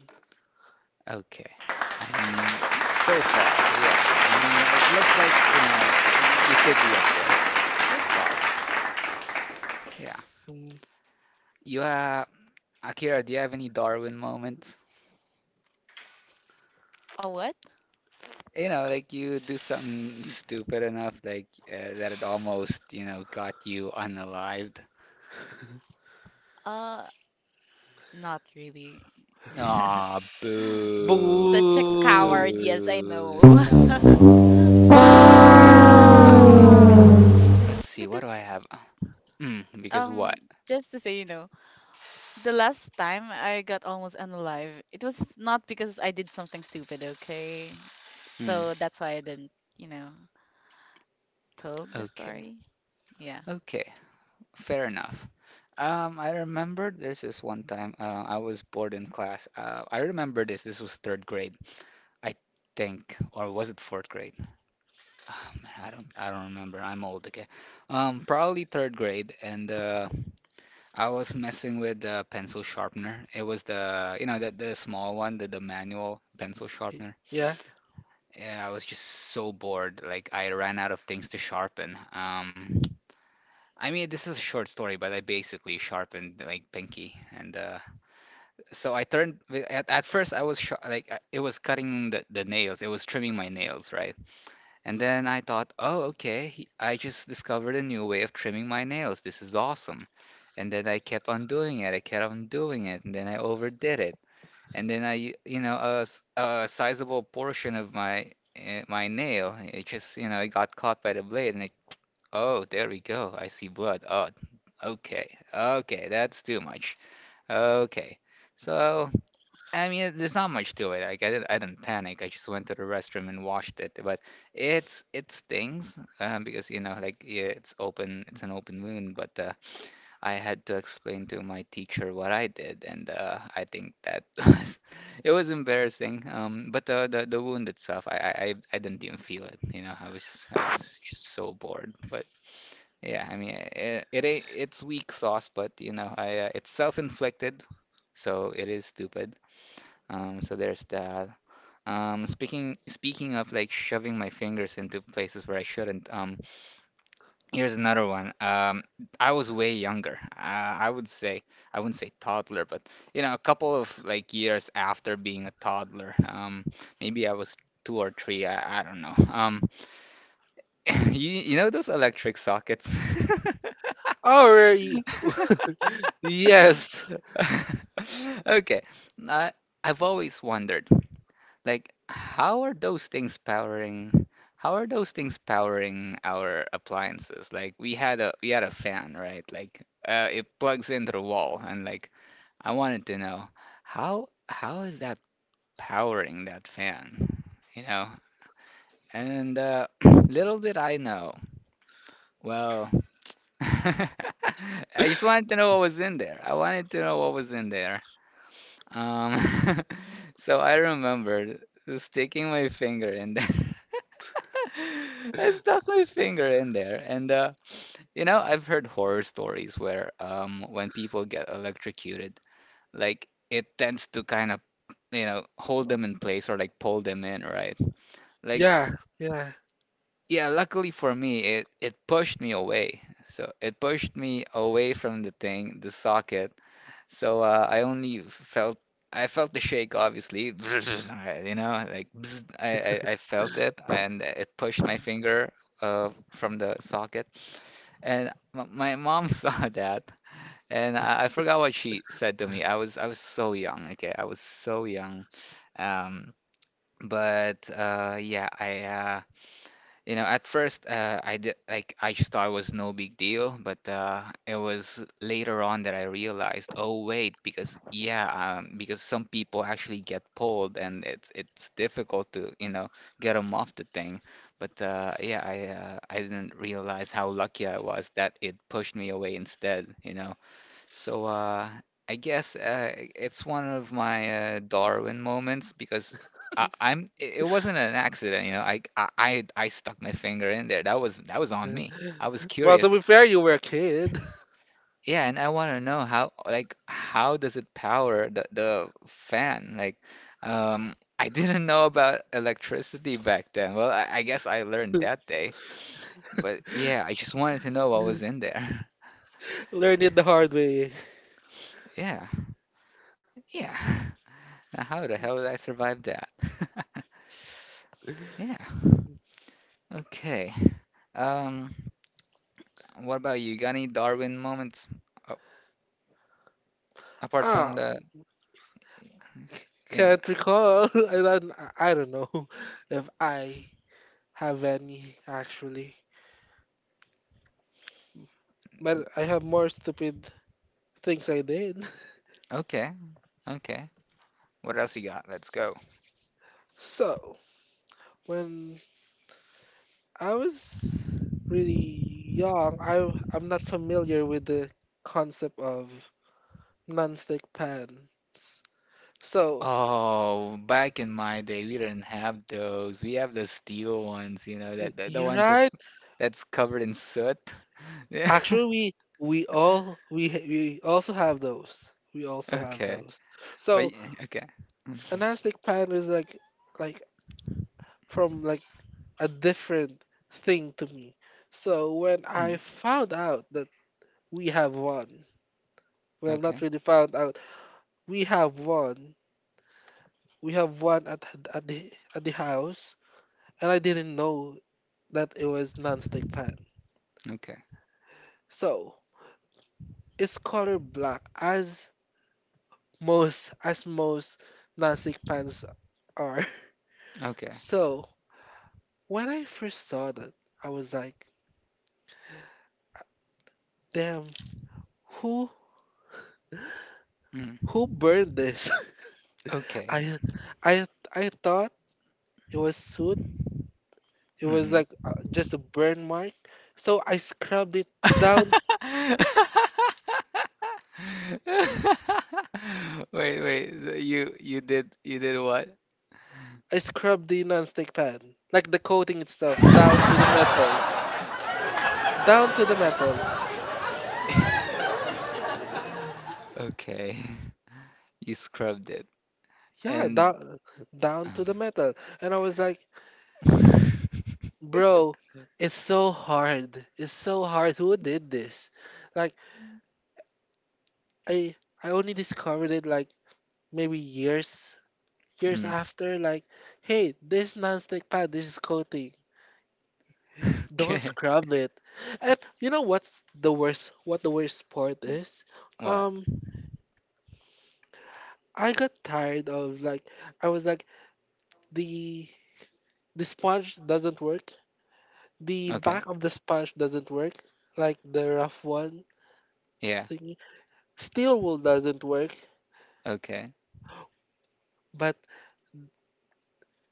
Okay. I mean, so far, yeah. I mean, it looks like, you know, you could be up there. So far, yeah. Mm, You Akira, do you have any Darwin moments? A what? You know, like you do something stupid enough, like that it almost, you know, got you unalived. Uh not really. Aw, boo, Such a boo! coward, yes, I boo, know. no. Um, let's see, what do Because I have? Mm, because what? um just to say, you know, the last time I got almost unalive, it was not because I did something stupid, okay? Mm, So that's why I didn't, you know, told the okay, story. Yeah. okay, fair enough. I remember there's this one time I was bored in class. I remember this. This was third grade, I think, or was it fourth grade? Um, I don't remember. I'm old, okay. Probably third grade, and I was messing with a pencil sharpener. It was the you know the small one, the manual pencil Y- sharpener. Yeah. Yeah, I was just so bored. Like I ran out of things to sharpen. I mean this is a short story, but I basically sharpened like pinky, and so I turned. At first I was sh like it was cutting the nails. It was trimming my nails, right? And then I thought, oh, okay, I just discovered a new way of trimming my nails. This is awesome. And then I kept on doing it. I kept on doing it. And then I overdid it. And then you know, a sizable portion of my my nail, it just, you know, it got caught by the blade. And it, oh, there we go. I see blood. Oh, okay, okay, that's too much. Okay. So I mean, there's not much to it. Like I didn't panic. I just went to the restroom and washed it. But it stings because you know, like yeah, it's open, it's an open wound. But I had to explain to my teacher what I did, and I think that was it was embarrassing. But the wound itself, I didn't even feel it. You know, I was just so bored. But yeah, I mean, it ain't- it's weak sauce, but you know, I it's self-inflicted. So it is stupid. So there's that. Speaking of like shoving my fingers into places where I shouldn't, here's another one. I was way younger. I would say I wouldn't say toddler, but you know, a couple of like years after being a toddler. Maybe I was two or three. I don't know. You know those electric sockets? Or y- yes. Okay. I I've always wondered. Like, how are those things powering? How are those things powering our appliances? Like, we had a fan, right? Like, it plugs into the wall, and like, I wanted to know how is that powering that fan? You know? And little did I know. Well, I just wanted to know what was in there. I wanted to know what was in there. Um, so I remembered sticking my finger in there. I stuck my finger in there, and you know, I've heard horror stories where when people get electrocuted, like it tends to kind of, you know, hold them in place or like pull them in, right? Like, Yeah. Yeah. yeah, luckily for me, it pushed me away. So it pushed me away from the thing, the socket, so I felt the shake, obviously, you know, like I felt it, and it pushed my finger from the socket. And my mom saw that, and I forgot what she said to me. I was so young, okay, I was so young. Um, but yeah, I you know, at first, I did like I just thought it was no big deal, but it was later on that I realized, oh wait, because yeah, because some people actually get pulled, and it's difficult to you know get them off the thing. But yeah, I didn't realize how lucky I was that it pushed me away instead. You know. So I guess it's one of my Darwin moments because I, I'm it it wasn't an accident, you know. I stuck my finger in there. That was on me. I was Well, to curious. be fair, you were a kid. Yeah, and I want to know how like how does it power the fan? Like I didn't know about electricity back then. Well, I guess I learned that day. But yeah, I just wanted to know what Learn was in there. it the hard way. Yeah. Yeah. Now, how the hell did I survive that? Yeah. Okay. Um, what about you? Got any Darwin moments a- apart from Ah. Yeah. Can't recall. I don't know if I have any actually, but I have more stupid things I did. Okay. Okay. What else you got? Let's go. So when I was really young, I I'm not familiar with the concept of non-stick pans. So Oh, back in my day, we didn't have those. We have the steel ones, you know, that the you're ones that right. that's covered in soot. Yeah. Actually, we also have those. We also have Okay. those. So Wait. Okay. a non-stick pan is like from like a different thing to me. So when I Mm, found out that we have one, well, not okay. really found out, we have one, we have one at at the house, and I didn't know that it was nonstick pan. Okay. So it's color black as most nonstick pans are. Okay. Okay. So when I first saw that, I was like, damn, who Mm. who burned this? Okay. I I I thought it was soot it was Hmm. like just a burn mark so I scrubbed it down Wait, wait. You you did what? I scrubbed the nonstick pan like the coating itself down to the metal down to the metal. Okay. You scrubbed it. Yeah, And down to the metal and I was like bro it's so hard, who did this like I I only discovered it like maybe years years Mm. after like hey this nonstick pad this is coating. Don't Okay. scrub it. And you know what's the worst what the worst part is? What? Um I got tired of like I was like the the sponge doesn't work. The Okay. back of the sponge doesn't work. Like the rough one Yeah. thingy. Steel wool doesn't work. Okay. But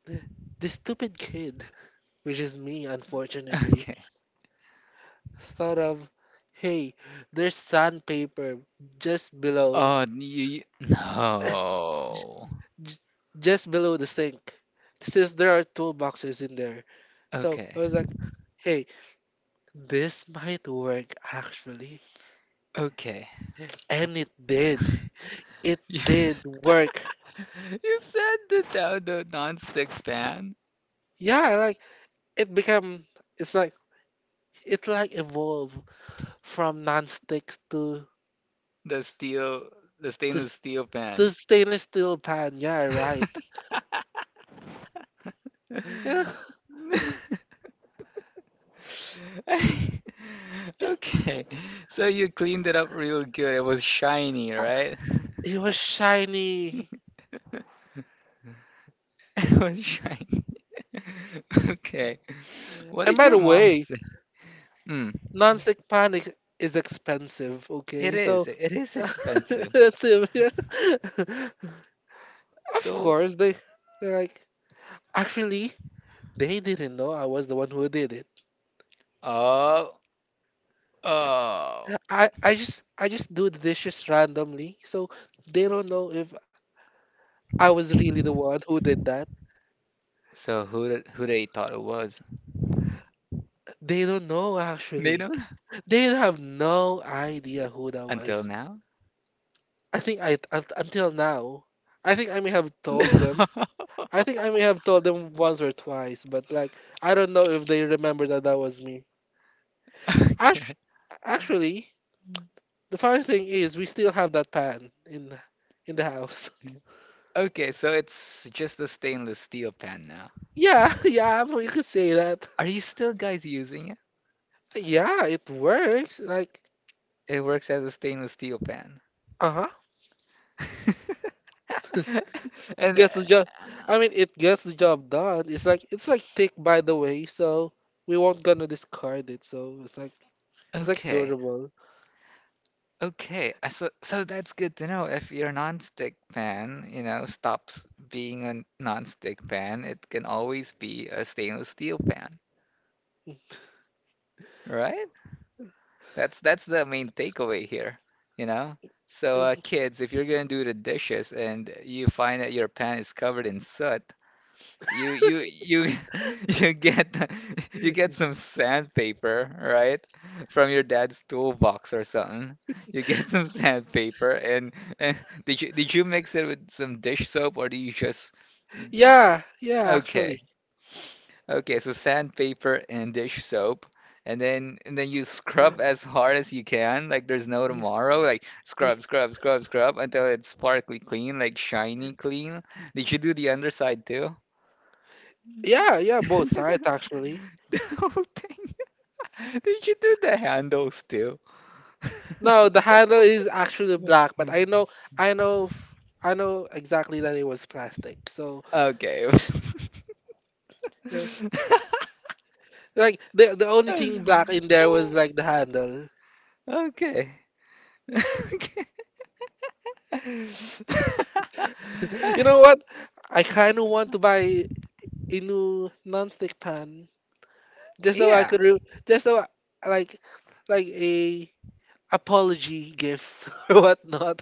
the, the stupid kid, which is me unfortunately, Okay. thought of hey, there's sandpaper just below You no. j- just below the sink since there are toolboxes in there. So I Okay. was like, hey, this might work actually. Okay. And it did. It You, did work. you said that the non-stick pan, Yeah, like it became it's like it like evolved from non-stick to the s- steel, the to, s- stainless steel to pan. stainless steel pan. Yeah, right. Yeah, Okay, so you cleaned it up real good. It was shiny, right? it was shiny. It was shiny. Okay, what And did by your the mom way, say? Hmm. non-stick pan is expensive, It okay? is. So. It is expensive. That's him. Yeah. Of So, course, they they're like, actually, they didn't know I was the one who did it. oh, oh. I just do the dishes randomly, so they don't know if I was really the one who did that. So who they thought it was? They don't know They actually. don't They have no idea who that until was. now. I think I un- until now, I think I may have No. told them. I think I may have told them once or twice, but I don't know if they remember that was me. Act- Okay. actually, the funny thing is, we still have that pan in the house. Okay. So it's just a stainless steel pan now. Yeah, yeah, well, you could say that. Are you still guys using it? Yeah, it works. Like, It works as a stainless steel pan. uh huh. And Gets the job. I mean, it gets the job done. It's like thick, by the way. So we won't gonna discard it. So it's like okay, durable. okay. So so that's good to know. If your non-stick pan, you know, stops being a non-stick pan, it can always be a stainless steel pan, right? That's the main takeaway here, you know? So kids, if you're gonna do the dishes and you find that your pan is covered in soot, you you get you get some sandpaper, right? From your dad's toolbox or something. You get some sandpaper and did you mix it with some dish soap or do you just you- you- Yeah, yeah. okay. Actually, Okay, so sandpaper and dish soap and then you scrub as hard as you can, like there's no Y- tomorrow, like y- scrub, scrub, scrub, scrub until it's sparkly clean, like shiny clean. Did you do the underside too? yeah, yeah. Both sides actually. The whole thing. Did you do the handle still? No, the handle is actually black, but I know, I know, f- I know exactly that it was plastic. So, Okay. you know, like the only thing black in there was like the handle. Okay. Okay. You know what? I kind of want to buy a new non-stick pan just so I Yeah, could re- just so like a apology gift or whatnot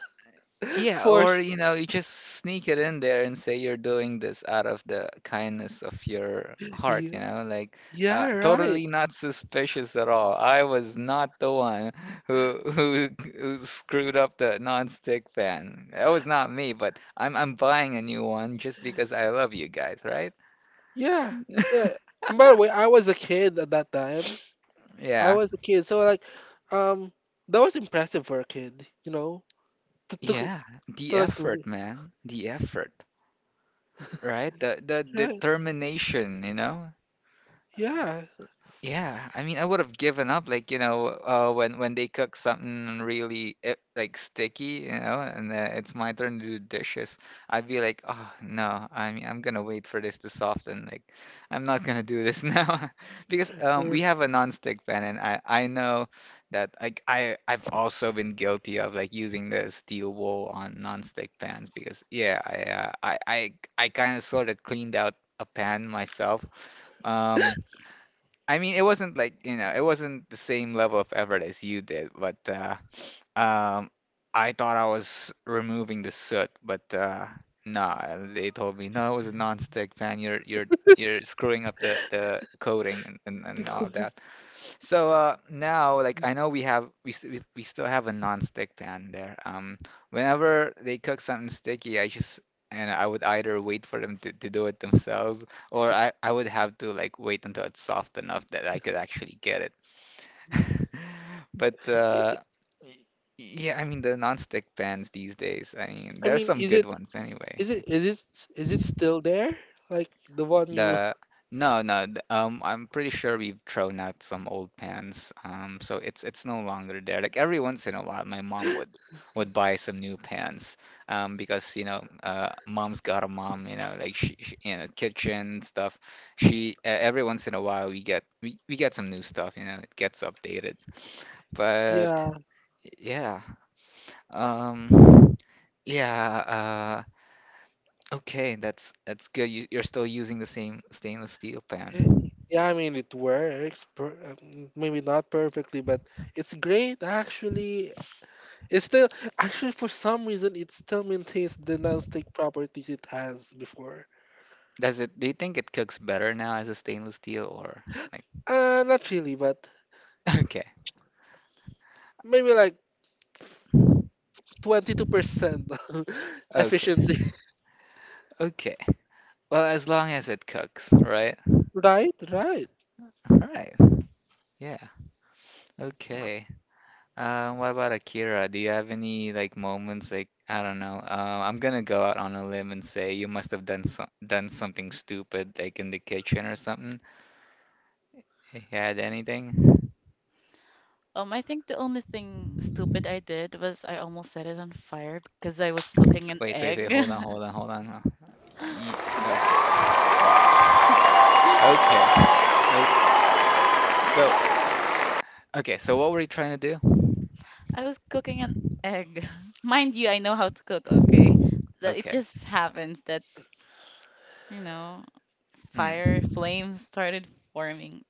yeah, for or s- you know, you just sneak it in there and say you're doing this out of the kindness of your heart, you yeah, know, like yeah right totally not suspicious at all. I was not the one who who screwed up the non-stick pan. That was not me, but I'm buying a new one just because I love you guys, right? yeah yeah. And by the way, I was a kid at that time. I Yeah. was a kid, so like, um, that was impressive for a kid, you know, to to, Yeah, the to like, effort, re- man. The effort, right? The right, determination, you know? yeah, Yeah, I mean, I would have given up, like, you know, when they cook something really eh, like sticky, you know, and it's my turn to do dishes. I'd be like, oh no, I mean, I'm gonna wait for this to soften. Like, I'm not gonna do this now because or, we have a non-stick pan, and I know that like I've also been guilty of like using the steel wool on non-stick pans because yeah, I kind of sort of cleaned out a pan myself. Um. I mean, it wasn't like, you know, it wasn't the same level of effort as you did, but um, I thought I was removing the soot, but nah, they told me no, it was a non-stick pan. You're screwing up the coating and like, all that. So now, like I know we we still have a non-stick pan there. Whenever they cook something sticky, I just and I would either wait for them to do it themselves, or I would have to like wait until it's soft enough that I could actually get it. But y- yeah, I mean the non-stick pans these days. I mean, I there's mean, some good ones anyway. is Like it is it is it still there? Like the one you, the no, no. I'm pretty sure we've thrown out some old pans. So it's no longer there. Like every once in a while, my mom would buy some new pans. Because you know, mom's got a mom. You know, like she you know, kitchen stuff. She every once in a while we get some new stuff. You know, it gets updated. But yeah, yeah. Um, yeah, okay, that's good. You, you're still using the same stainless steel pan. yeah. I mean, it works. Maybe not perfectly, but it's great actually. It's still actually for some reason it still maintains the non-stick properties it has before. Does it, do you think it cooks better now as a stainless steel or like, Not really, but okay, maybe like 22% okay, efficiency. okay. Well, as long as it cooks, right? Right, right. All right. Yeah. Okay. What about Akira? Do you have any like moments like I don't know. I'm gonna go out on a limb and say you must have done so done something stupid like in the kitchen or something. You had anything? I think the only thing stupid I did was I almost set it on fire because I was cooking an Wait, wait, egg. wait. Hold on, hold on, hold on. Okay, okay, okay, okay. So, okay. So, what were you trying to do? I was cooking an egg. Mind you, I know how to cook, okay? But it Okay. just happens that, you know, Hmm. fire flames started forming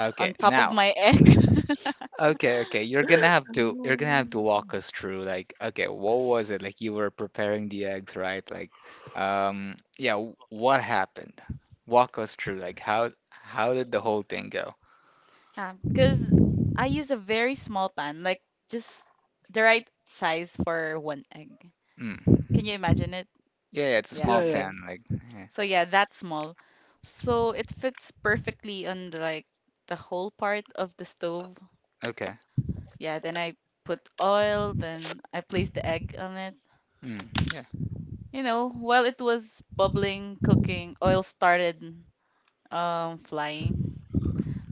Okay. on top of Now. my egg. Okay, okay. You're gonna have to. You're gonna have to walk Mm. us through. Like, okay, what was it? Like, you were preparing the eggs, right? Like, yeah. What happened? Walk us through. Like, how did the whole thing go? Because I use a very small pan, like just the right size for one egg. Hmm. Can you imagine it? Yeah, yeah. It's a Yeah, small Yeah, yeah. okay. pan. Like, yeah. So yeah, that small. So it fits perfectly on the, like the whole part of the stove. Okay. Yeah, then I put oil, then I placed the egg on it. Hmm. Yeah. You know, while it was bubbling, cooking, oil started flying.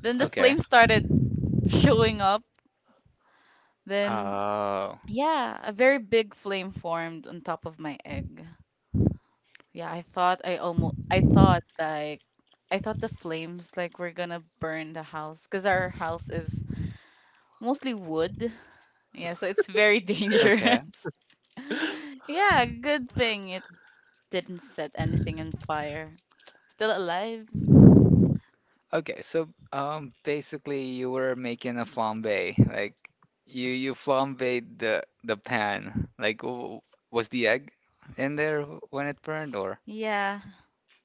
Then the Okay. flame started showing up. Then Oh. yeah, a very big flame formed on top of my egg. Yeah, I thought I almost I thought like I thought the flames like were gonna burn the house because our house is mostly wood. Yeah, so it's very Okay. dangerous. Yeah, good thing it didn't set anything on fire. Still alive. Okay, so basically you were making a flambe, like you flambéed the pan. Like, w was the egg in there when it burned, or? Yeah,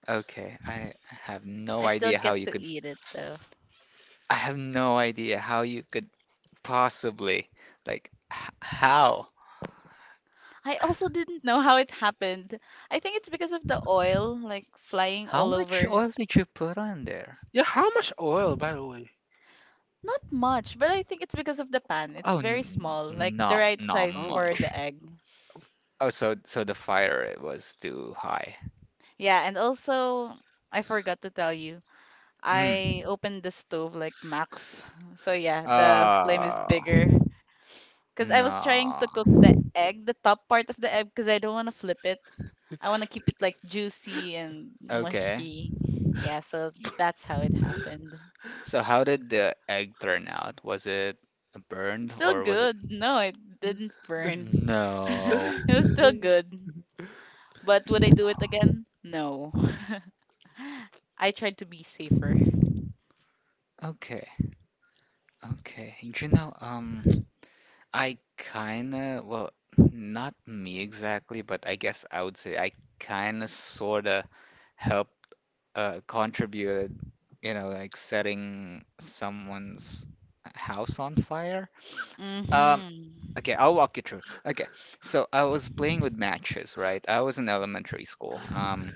Okay, I have no I still idea how get you to could. eat it though. I have no idea how you could possibly, like, h how? I also didn't know how it happened. I think it's because of the oil like flying How all much over. oil did you put on there? Yeah, how much oil, by the way? Not much, but I think it's because of the pan. It's Oh, very n small, like the not right not size Oh. for much. the egg. Oh, so so the fire it was too high. Yeah, and also I forgot to tell you, Mm. I opened the stove like max. So yeah, the flame is Uh, bigger. Because I was trying no. to cook the egg, the top part of the egg, because I don't want to flip it. I want to keep it like juicy and Okay. mushy. Yeah, so that's how it happened. So how did the egg turn out? Was it It's burned still or was it? good. No, it didn't burn. No. It was still good. But would I do it again? No. I tried to be safer. Okay. Okay. You know, I kinda, well, not me exactly, but I guess I would say I kinda sorta helped, contributed, you know, like setting someone's house on fire. Um, Mm-hmm. Okay, I'll walk you through. Okay, so I was playing with matches, right? I was in elementary school.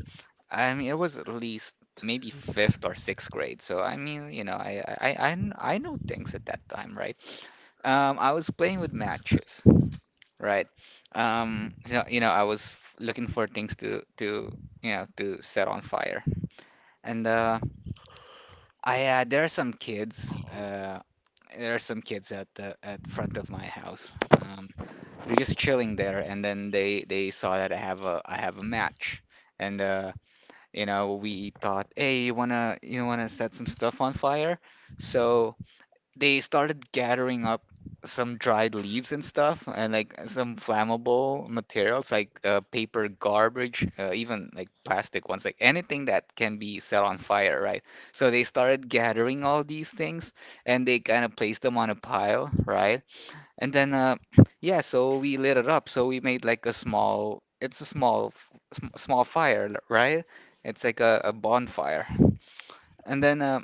I mean, it was at least maybe fifth or sixth grade. So I mean, you know, I know things at that time, right? I was playing with matches, right? So, you know, I was looking for things to you know to set on fire, and I there are some kids. There are some kids at the at front of my house. Um. They're just chilling there, and then they saw that I have a match, and you know we thought, hey, you wanna set some stuff on fire? So they started gathering up some dried leaves and stuff, and like some flammable materials like paper, garbage, even like plastic ones, like anything that can be set on fire, right? So they started gathering all these things, and they kind of placed them on a pile, right? And then, yeah, so we lit it up. So we made like a small, it's a small, f- sm small fire, right? It's like a bonfire. And then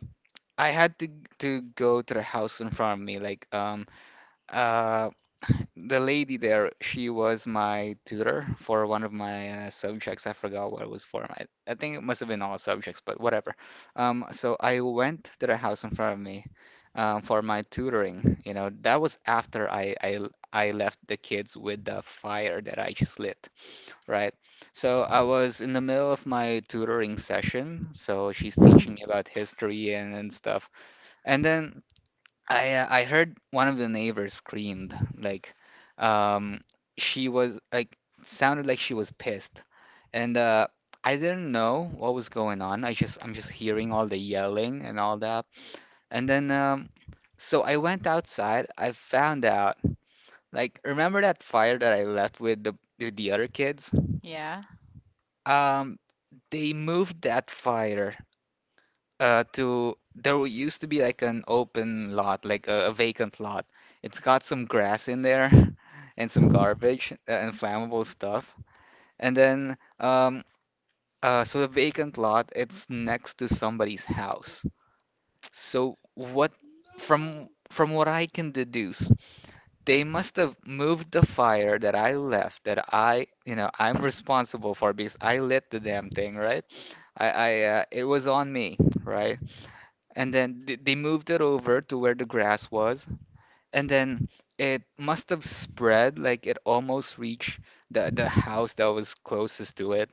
I had to go to the house in front of me. Like, uh, the lady there, she was my tutor for one of my subjects. I forgot what it was for. I think it must have been all subjects, but whatever. So I went to the house in front of me for my tutoring. You know, that was after I left the kids with the fire that I just lit, right? So I was in the middle of my tutoring session. So she's teaching me about history and stuff. And then I heard one of the neighbors screamed like um she was like sounded like she was pissed and I didn't know what was going on. I'm just hearing all the yelling and all that. And then so I went outside. I found out like remember that fire that I left with the other kids? Yeah. Um they moved that fire to there used to be like an open lot, like a vacant lot. It's got some grass in there and some garbage and flammable stuff. And then so the vacant lot, it's next to somebody's house. So what from what I can deduce, they must have moved the fire that I left that I, you know, I'm responsible for because I lit the damn thing, right? I it was on me, right? And then they moved it over to where the grass was, and then it must have spread, like it almost reached the house that was closest to it.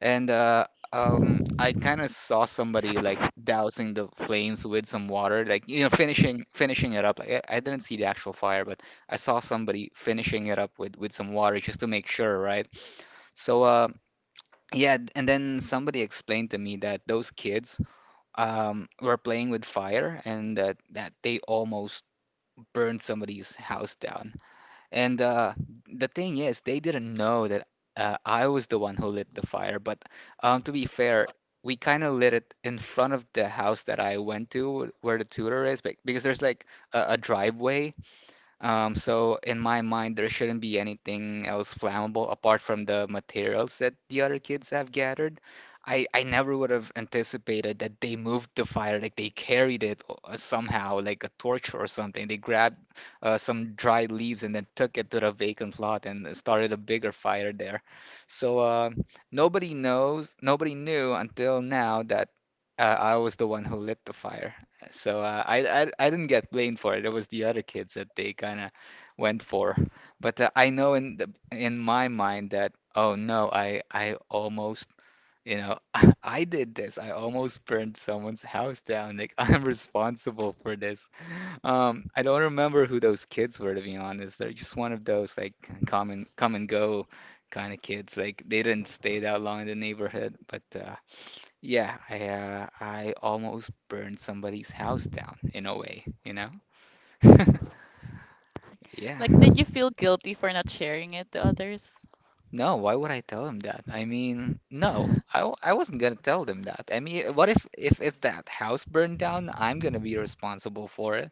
And I kind of saw somebody like dousing the flames with some water, like finishing it up. Like I didn't see the actual fire, but I saw somebody finishing it up with some water just to make sure, right? So, uh, yeah, and then somebody explained to me that those kids were playing with fire and that they almost burned somebody's house down. And the thing is, they didn't know that I was the one who lit the fire. But to be fair, we kind of lit it in front of the house that I went to, where the tutor is, but, because there's like a driveway. Um, so in my mind, there shouldn't be anything else flammable apart from the materials that the other kids have gathered. I never would have anticipated that they moved the fire, like they carried it somehow, like a torch or something. They grabbed some dry leaves and then took it to the vacant lot and started a bigger fire there. So uh, nobody knows, nobody knew until now that I was the one who lit the fire. So I didn't get blamed for it. It was the other kids that they kind of went for. But I know in the in my mind that, oh no, I almost, you know, I did this. I almost burned someone's house down. Like I'm responsible for this. I don't remember who those kids were, to be honest. They're just one of those like come and come and go kind of kids. Like they didn't stay that long in the neighborhood, but yeah, I almost burned somebody's house down in a way, you know? Yeah. Like, did you feel guilty for not sharing it to others? No, why would I tell them that? I mean, no, I wasn't gonna tell them that. I mean, what if that house burned down, I'm gonna be responsible for it.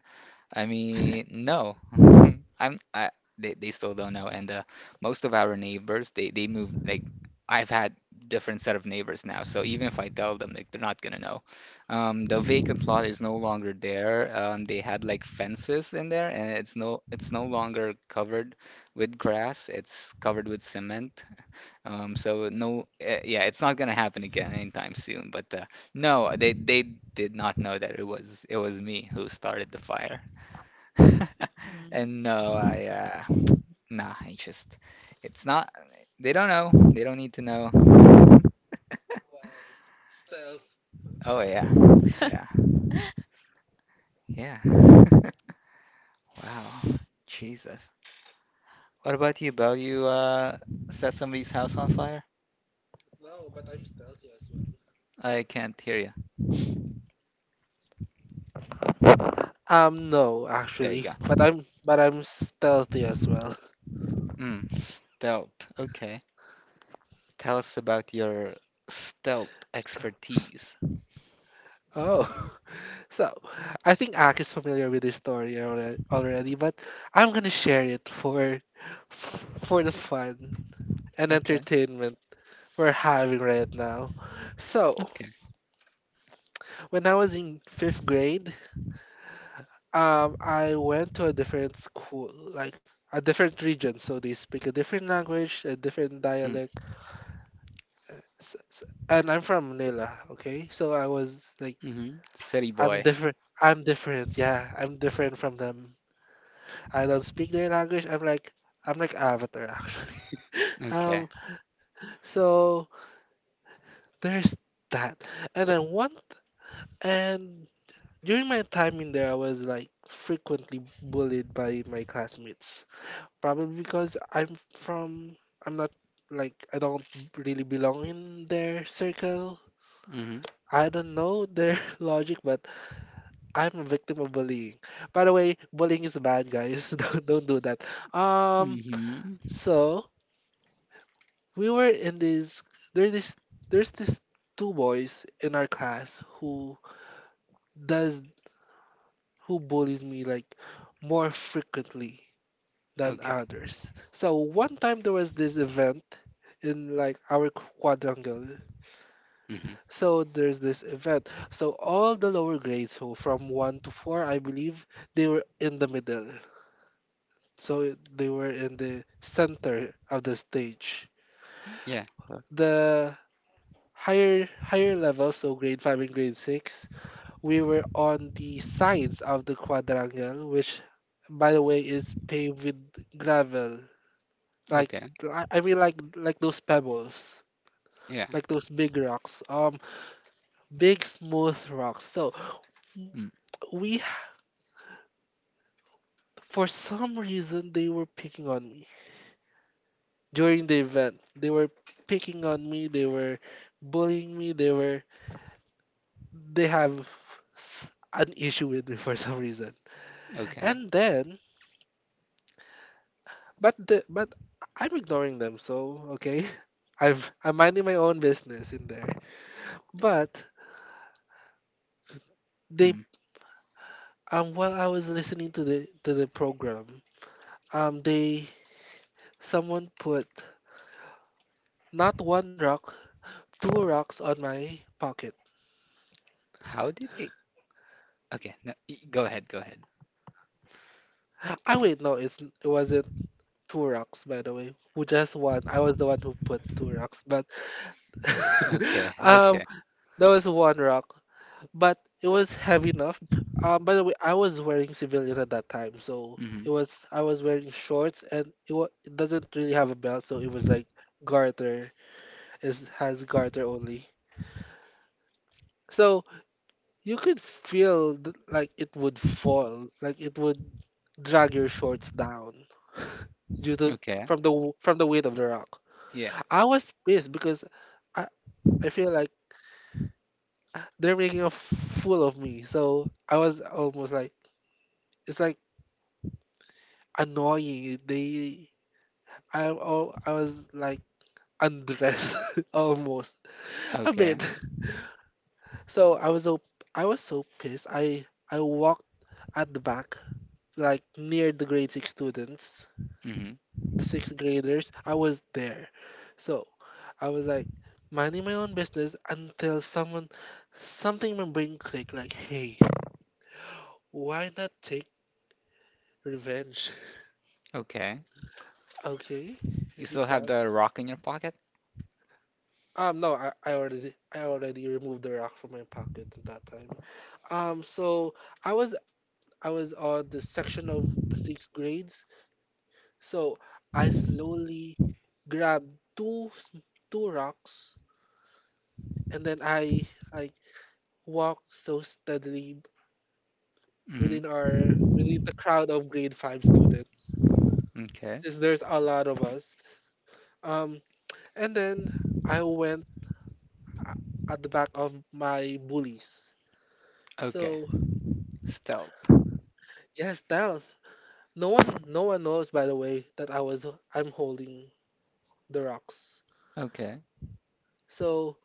I mean, no. I'm I They still don't know, and most of our neighbors, they move, like I've had different set of neighbors now. So even if I tell them, like, they're not gonna know. The vacant lot is no longer there. They had like fences in there, and it's it's no longer covered with grass. It's covered with cement. So, yeah, it's not gonna happen again anytime soon, but no, they did not know that it was me who started the fire. Mm, And I no, see. I nah, I just, it's not, they don't know. They don't need to know. Wow. Stealth. Oh yeah. Yeah. Yeah. Wow. Jesus. What about you, Belle? You set somebody's house on fire? No, but I'm stealthy as well. I can't hear you. No, There you actually. go. But I'm stealthy as well. Mm, stealth. Okay. Tell us about your stealth expertise. Oh. So I think Ak is familiar with this story already, but I'm gonna share it for for the fun and Okay. entertainment we're having right now. So, Okay. when I was in fifth grade, I went to a different school, like a different region. So they speak a different language, a different Mm. dialect. uh, s- s- And I'm from Manila, okay? So I was like, Hmm. City I'm boy. different. I'm different. Yeah, I'm different from them. I don't speak their language. I'm like Avatar actually. Okay. Um, so there's that. And then one, and During my time in there, I was like frequently bullied by my classmates. Probably because I'm from, I'm not like, I don't really belong in their circle. Mm-hmm. I don't know their logic, but I'm a victim of bullying. By the way, bullying is bad, guys. Don't do that. Um, Mm-hmm. so we were in this, there's this, there's this two boys in our class who does, who bullies me like more frequently than Okay. others. So one time there was this event in like our quadrangle. Mm-hmm. So there's this event. So all the lower grades, who from one to four, I believe, they were in the middle. So they were in the center of the stage. Yeah. The higher levels, so grade five and grade six, we were on the sides of the quadrangle, which by the way is paved with gravel. Like Okay. I really like those pebbles, Yeah. like those big rocks, big smooth rocks. So Mm. we ha- for some reason they were picking on me during the event. They were picking on me. They were bullying me. They have an issue with me for some reason. Okay. And then, but the, but I'm ignoring them. So okay, I'm I'm minding my own business in there. But they Mm. While I was listening to the program, they someone put not one rock, two rocks on my pocket. How did they? Okay. No. Go ahead. Go ahead. Ah, wait, it wasn't two rocks, by the way. Who just one? I was the one who put two rocks, but Okay. um, Okay. that was one rock, but it was heavy enough. By the way, I was wearing civilian at that time, so Mm-hmm. it was I was wearing shorts, and it doesn't really have a belt, so it was like garter. It has garter only. So you could feel like it would fall, like it would drag your shorts down due to Okay. from the w- from the weight of the rock. Yeah. I was pissed because I I feel like they're making a fool of me. So I was almost like it's like annoying. I was like undressed almost a Okay. bit. So I was so pissed. I walked at the back like near the grade six students Mm-hmm. the sixth graders, I was there. So I was like minding my own business until something in my brain clicked like, hey, why not take revenge? Okay. Okay, hear You still this have out. the rock in your pocket? No, I already removed the rock from my pocket at that time. So I was I was on the section of the sixth grades. So I slowly grabbed two rocks and then I like walked so steadily Mm-hmm. within our within the crowd of grade five students Okay. since there's a lot of us, um and then I went at the back of my bullies. Okay. So Stealth. yes, stealth. No one knows by the way that I'm holding the rocks. Okay. So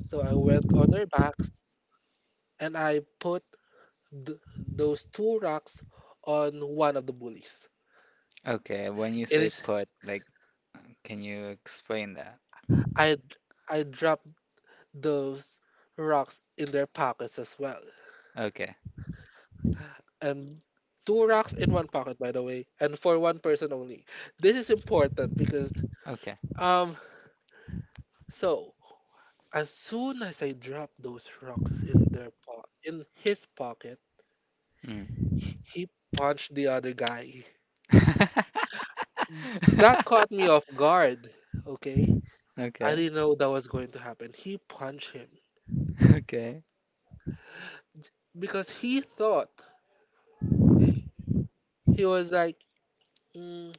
I went on their backs and I put those two rocks on one of the bullies. Okay. When you It say is, put, like, can you explain that? I dropped those rocks in their pockets as well. Okay. And two rocks in one pocket, by the way, and for one person only. This is important because, Okay. um, so as soon as I dropped those rocks in their in his pocket, Mm. he punched the other guy. That caught me off guard. Okay, I Okay. didn't know that was going to happen. He punched him Okay. because he thought he was like, "Mm,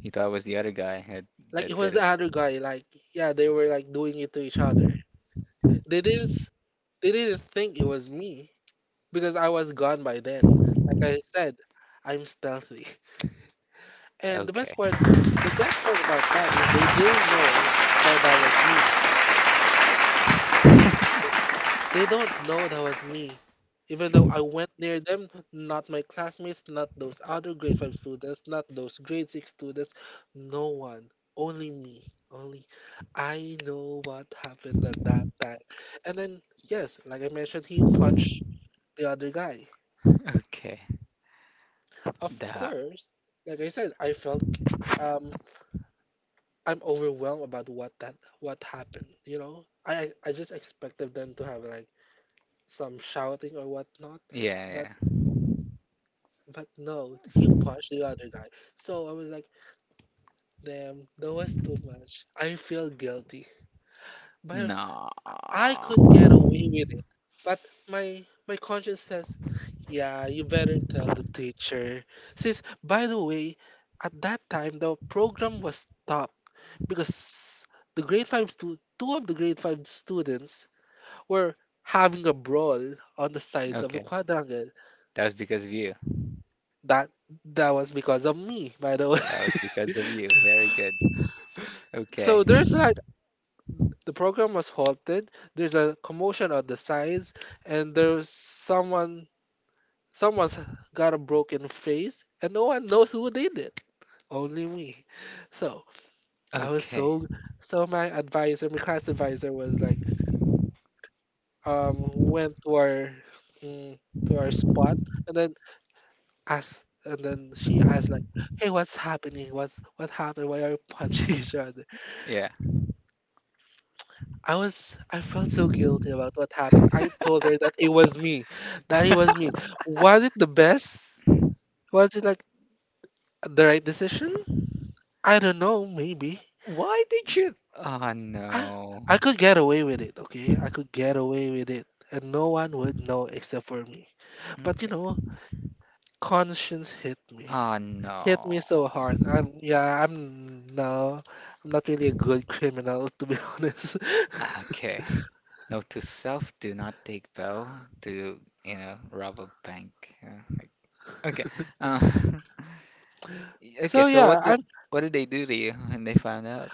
He thought it was the other guy that like it that was did the it. other guy." Like yeah, they were like doing it to each other. They didn't. s- They didn't think it was me because I was gone by then. Like I said, I'm stealthy. And Okay. The best part about that is they didn't know that that was me. Okay. They don't know that was me. Even though I went near them, not my classmates, not those other grade 5 students, not those grade 6 students, no one. Only me. Only I know what happened at that time. And then, yes, like I mentioned, he punched the other guy. Of That. course, like I said, um I'm overwhelmed about what happened. You know, I just expected them to have like some shouting or whatnot, Yeah, but yeah. No, he punched the other guy. So I was like, damn, that was too much. I feel guilty. But No. I could get away with it. But my conscience says, yeah, you better tell the teacher. Since by the way, at that time the program was stopped because the grade five stu- two of the grade five students were having a brawl on the sides of the Okay. quadrangle. That was because of you. That was because of me, by the way. That was because of you. Very good. Okay. So there's like the program was halted. There's a commotion on the sides, and there's someone's got a broken face, and no one knows who did it. Only me. So I was Okay. so so my advisor, my class advisor was like, went to our mm, to our spot, and then asked, and then she asked like, hey, what's happening? What's what happened? Why are you punching each other? Yeah. I felt so guilty about what happened. I told her that it was me. That it was me. Was it the best? Was it like the right decision? I don't know, maybe. Why did you? Oh I no. I could get away with it, okay? I could get away with it and no one would know except for me. But you Okay. know, conscience hit me. Oh Hit me so no. hard. I'm yeah, I'm no I'm not really a good criminal to be honest. Okay. Note to self: do not take Bell to, you know, rob a bank. Uh, like- Okay. Uh, okay. So So yeah, what did, I'm what did they do to you when they found out?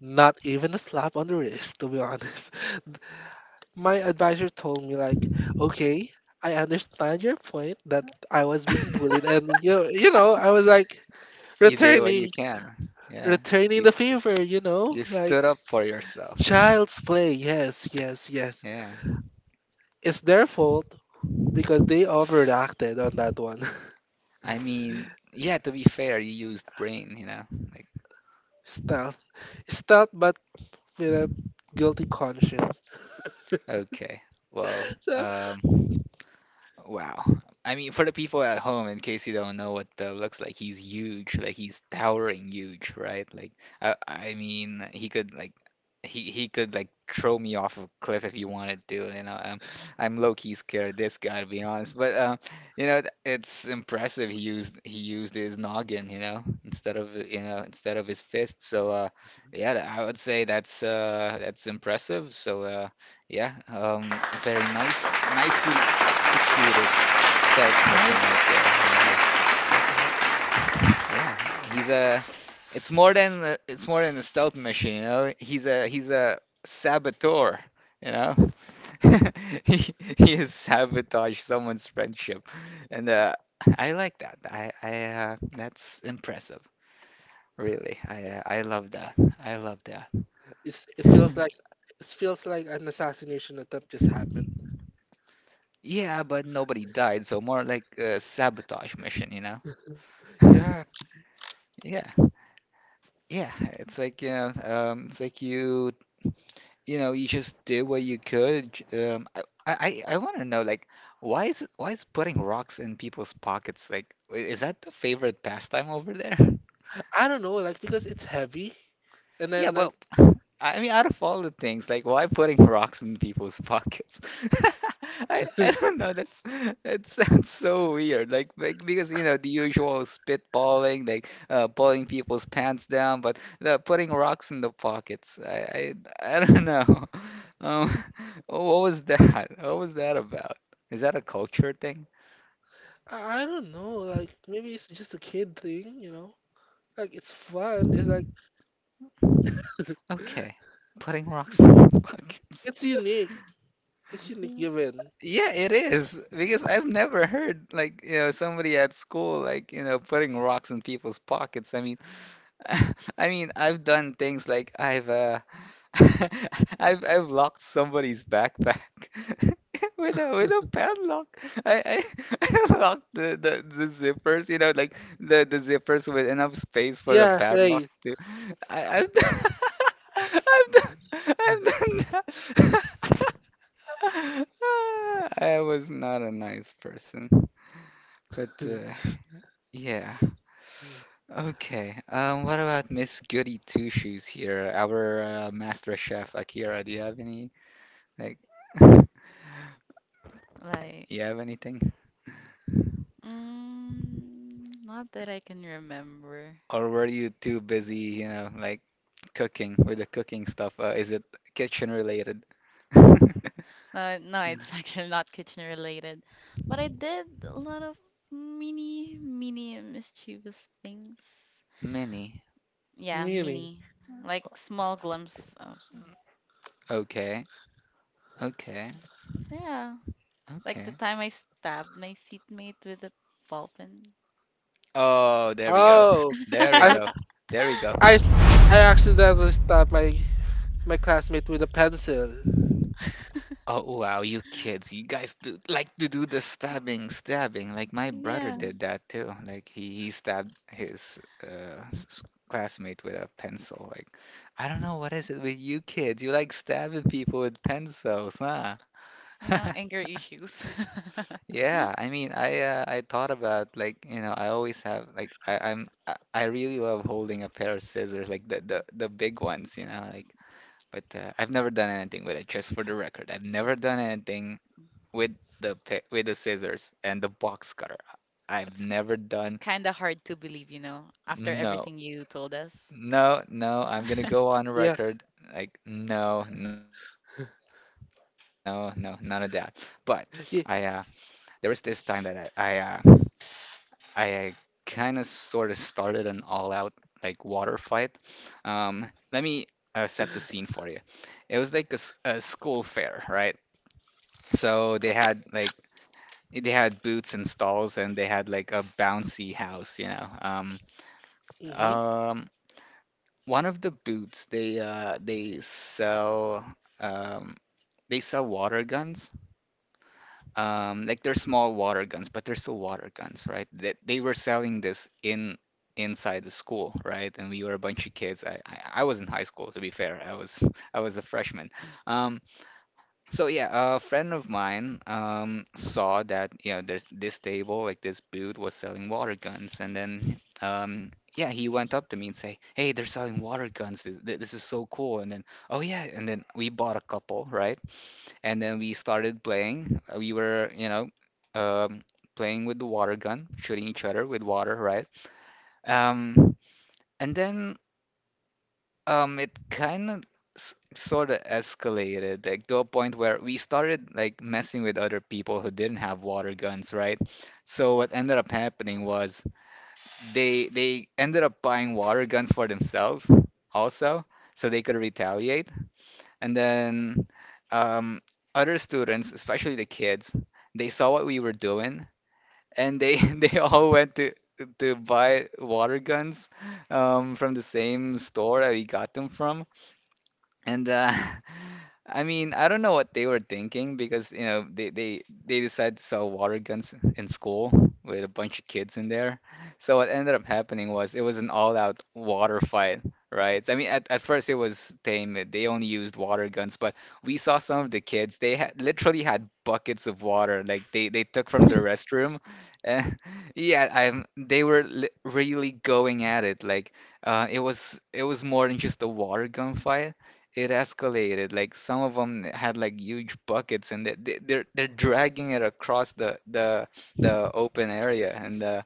not even a slap on the wrist to be honest. My advisor told me like, okay, I understand your point that I was being bullied, and you know, I was like You did what you returning, can. Yeah. returning You, the favor, you know, you like stood up for yourself. child's play. Yes, yes, yes. Yeah. It's their fault because they overreacted on that one. I mean, yeah, to be fair, you used brain, you know? Like, Stealth, stealth, but with a guilty conscience. okay, well, So um, wow. I mean, for the people at home, in case you don't know what Bell looks like, he's huge. Like he's towering huge, right? Like I mean, he could like he could like throw me off a cliff if he wanted to. You know, I'm low key scared of this guy, to be honest. But you know, it's impressive. He used, his noggin, you know, instead of, instead of his fist. So, yeah, I would say that's impressive. Yeah, very nice, nicely executed stealth mission right, right there. Yeah, exactly. yeah. It's more than a, it's more than a stealth mission, you know. He's a saboteur, you know. He has sabotaged someone's friendship, and I like that. I That's impressive, really. I love that. I love that. It's it feels like an assassination attempt just happened. Yeah, but nobody died, so more like a sabotage mission, you know. Yeah, Yeah, yeah. It's like, you know, it's like you know, you just did what you could. Um, I want to know, like, why is putting rocks in people's pockets, like, is that the favorite pastime over there? I don't know, like because it's heavy, and Yeah, then but like I mean, out of all the things, like, why putting rocks in people's pockets? I I, don't know. That sounds so weird. Like, because you know the usual spitballing, like, pulling people's pants down, but the putting rocks in the pockets. I don't know. Um, what was that? What was that about? Is that a culture thing? I don't know, like maybe it's just a kid thing, you know? Like it's fun. It's like Okay, putting rocks in the pockets. it's unique. It's unique given. Yeah, it is, because I've never heard like, you know, somebody at school, like, you know, putting rocks in people's pockets. I mean, I mean, I've done things, like I've I've locked somebody's backpack with a padlock. I I locked the zippers, you know, like the zippers, with enough space for a Yeah, padlock right. to. I've done, I've done that. I was not a nice person. But uh, yeah. Okay. What about Miss Goody Two Shoes here? Our master chef Akira, do you have any like Like, you have anything? Not that I can remember. Or were you too busy, you know, like cooking with the cooking stuff? Is it kitchen related? No, it's actually not kitchen related. But I did a lot of mini mischievous things. Mini. Yeah, Meaning. mini. Like small glimpses of. Okay. Okay. Yeah. Like the Okay. time I stabbed my seatmate with a ball pen. Oh, there we go. Oh, There we I go. There we go. I s- I accidentally stabbed my classmate with a pencil. Oh wow, you kids, you guys do, like to do the stabbing, stabbing. Like my brother Yeah. did that too. Like he stabbed his classmate with a pencil. Like I don't know what is it with you kids. You like stabbing people with pencils, huh? You know, anger issues. Yeah, I mean, I thought about like, you know, I always have like I really love holding a pair of scissors, like the the big ones, you know, like. But I've never done anything with it, just for the record. I've never done anything with with the scissors and the box cutter. I've It's never done, kind of hard to believe, you know, after no, everything you told us. no, no. I'm gonna go on Yeah, record like no, no, no, none of that. But I yeah. there was this time that I kind of sort of started an all out like water fight. Let me set the scene for you. It was like a school fair, right? So they had like, they had booths and stalls, and they had like a bouncy house, you know. Hmm. um, one of the booths, they sell, um, they sell water guns. Like they're small water guns, but they're still water guns, right? That they were selling this in, inside the school, right? And we were a bunch of kids. I was in high school, to be fair. I was I was a freshman. Um. So yeah, a friend of mine, saw that, you know, there's this table, like this booth was selling water guns, and then, yeah, he went up to me and say, "Hey, they're selling water guns. This is so cool." And then, oh yeah, and then we bought a couple, right? And then we started playing. We were, you know, um, playing with the water gun, shooting each other with water, right? Um, and then it kind of sort of escalated, like to a point where we started like messing with other people who didn't have water guns, right? So what ended up happening was they ended up buying water guns for themselves also, so they could retaliate. And then um, other students, especially the kids, they saw what we were doing, and they they all went to buy water guns from the same store that we got them from. And I mean, I don't know what they were thinking because you know they decided to sell water guns in school with a bunch of kids in there. So what ended up happening was it was an all-out water fight, right? I mean, at first it was tame. They only used water guns, but we saw some of the kids. They had literally had buckets of water, like they took from the restroom. And yeah, I'm. they were li really going at it. Like it was more than just a water gun fight. It escalated. Like some of them had like huge buckets, and they're dragging it across the open area, and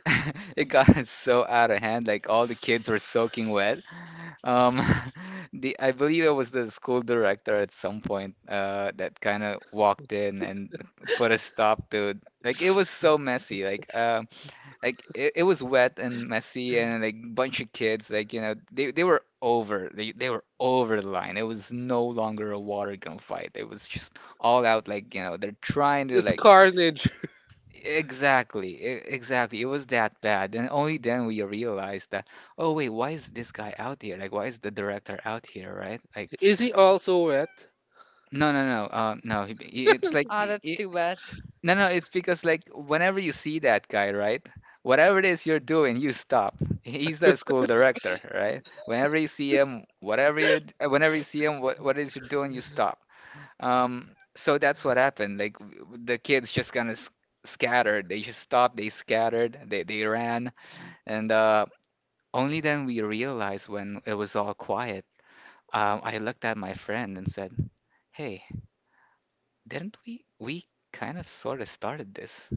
it got so out of hand. Like all the kids were soaking wet. Um, the I believe it was the school director at some point that kind of walked in and put a stop to. Like it was so messy. Like it was wet and messy, and like bunch of kids, like, you know, they were over the line. It was no longer a water gun fight. It was just all out, like, you know, they're trying to It's like, carnage. exactly, exactly, it was that bad, and only then we realized that, oh wait, why is this guy out here, like why is the director out here, right? Like Is he also wet? no, no, no, no, he, he- it's like Oh, that's I- too bad. no, no, it's because like whenever you see that guy, right? Whatever it is you're doing, you stop. He's the school director, right? Whenever you see him, whenever you see him, what is you're doing, you stop. Um, so that's what happened. Like the kids just kind of s scattered. They just stopped. They scattered. They ran, and only then we realized when it was all quiet. I looked at my friend and said, "Hey, didn't we kind of sort of started this?"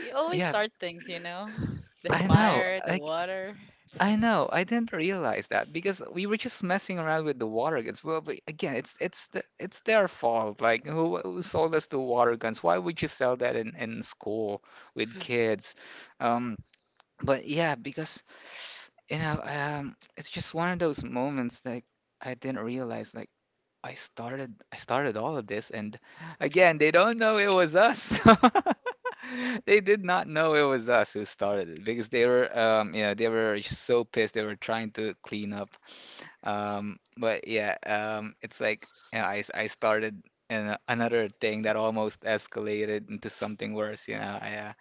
You always yeah, start things, you know? The I know, fire, the like water, I know, I didn't realize that because we were just messing around with the water guns. Well, but again, it's their fault. Like who sold us the water guns? Why would you sell that in school with kids? Um, but yeah, because, you know, it's just one of those moments that I didn't realize. Like I started all of this, and again they don't know it was us. They did not know it was us who started it because they were you know they were so pissed, they were trying to clean up. But yeah, it's like, yeah, I started another thing that almost escalated into something worse, you know. I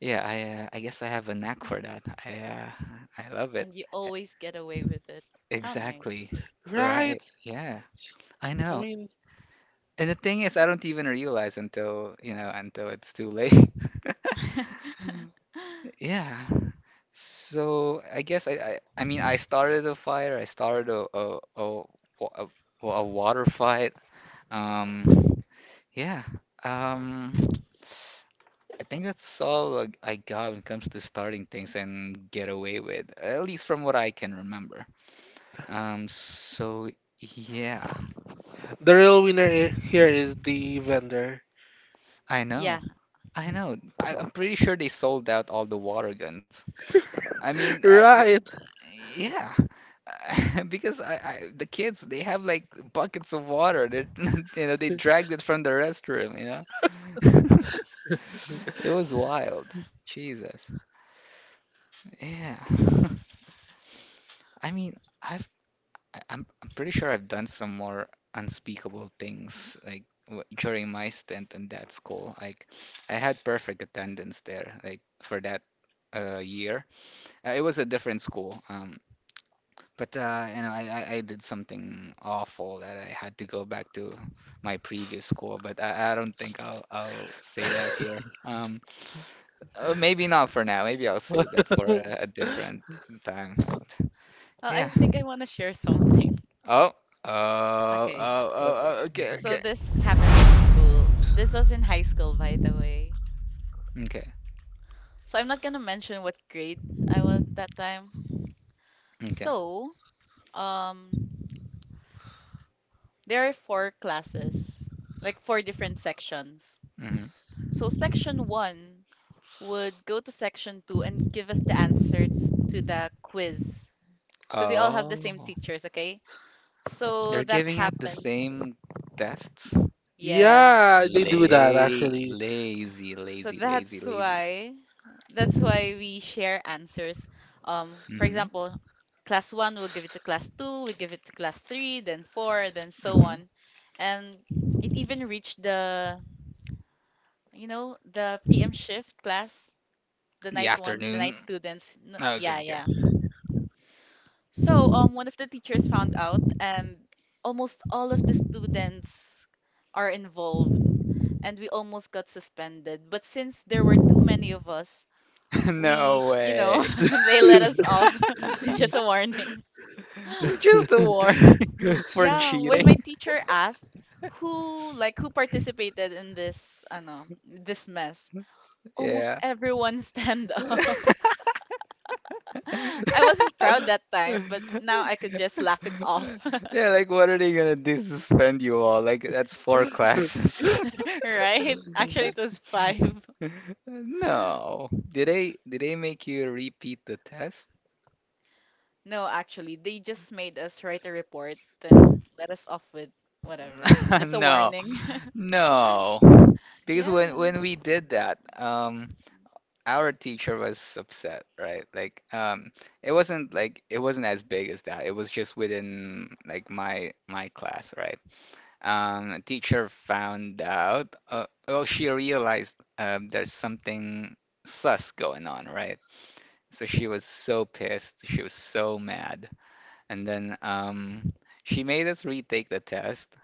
yeah, I guess I have a knack for that. I love it. and you always get away with it. How Exactly. nice. Right. Right. Yeah. I I know. mean, And the thing is, I don't even realize until, you know, until it's too late. Yeah. So I guess, I mean, I started a fire. I started wa- a, a water fight. Um yeah. Um I think that's all I got when it comes to starting things and get away with, at least from what I can remember. So yeah. the real winner here is the vendor. I know. Yeah. I know. I'm pretty sure they sold out all the water guns. I mean, Right. yeah, because the kids, they have like buckets of water. They, you know, they dragged it from the restroom. You know, it was wild. Jesus, yeah. I mean, I've, I'm pretty sure I've done some more unspeakable things like during my stint in that school. Like, I had perfect attendance there, like for that year. It was a different school. But you know, I did something awful that I had to go back to my previous school. But I don't think I'll say that here. Maybe not for now. Maybe I'll save that for Mm, a different time. But Well, I yeah. think I want to share something. Oh. Oh. Oh. Okay. Oh. uh, Oh, okay. So Okay. this happened in school. This was in high school, by the way. Okay. So I'm not gonna mention what grade I was that time. Okay. So, um, there are four classes, like four different sections. Hmm. So section one would go to section two and give us the answers to the quiz, because we all have the same Oh. teachers, okay? So They're that giving out the happened. same tests. Yes. yeah, they do that Lay. actually. Lazy. So Lazy. Lazy. that's Lazy. why that's why we share answers. For Mm-hmm. example, class one will give it to class two, we give it to class three, then four, then so Mm-hmm. on, and it even reached the the PM shift class, the The night ones, the afternoon. night students. No, Okay, yeah, okay. yeah. So one of the teachers found out, and almost all of the students are involved, and we almost got suspended. But since there were too many of us, we, No you know, way. they let us off with just a warning. Just a warning for Yeah, when my cheating. teacher asked who, like, who participated in this ano, this mess, almost Yeah. everyone stand up. I wasn't proud that time, but now I could just laugh it off. Yeah, like what are they gonna do? Suspend you all? Like that's four classes. Right? Actually it was 5. No. Did they make you repeat the test? No, actually they just made us write a report and let us off with whatever. Just a No. warning. No. Because when Yeah. when we did that, our teacher was upset, right? Like it wasn't, like, it wasn't as big as that. It was just within like my class, right? Teacher found out, well, she realized there's something sus going on, right? So she was so pissed. She was so mad. And then she made us retake the test.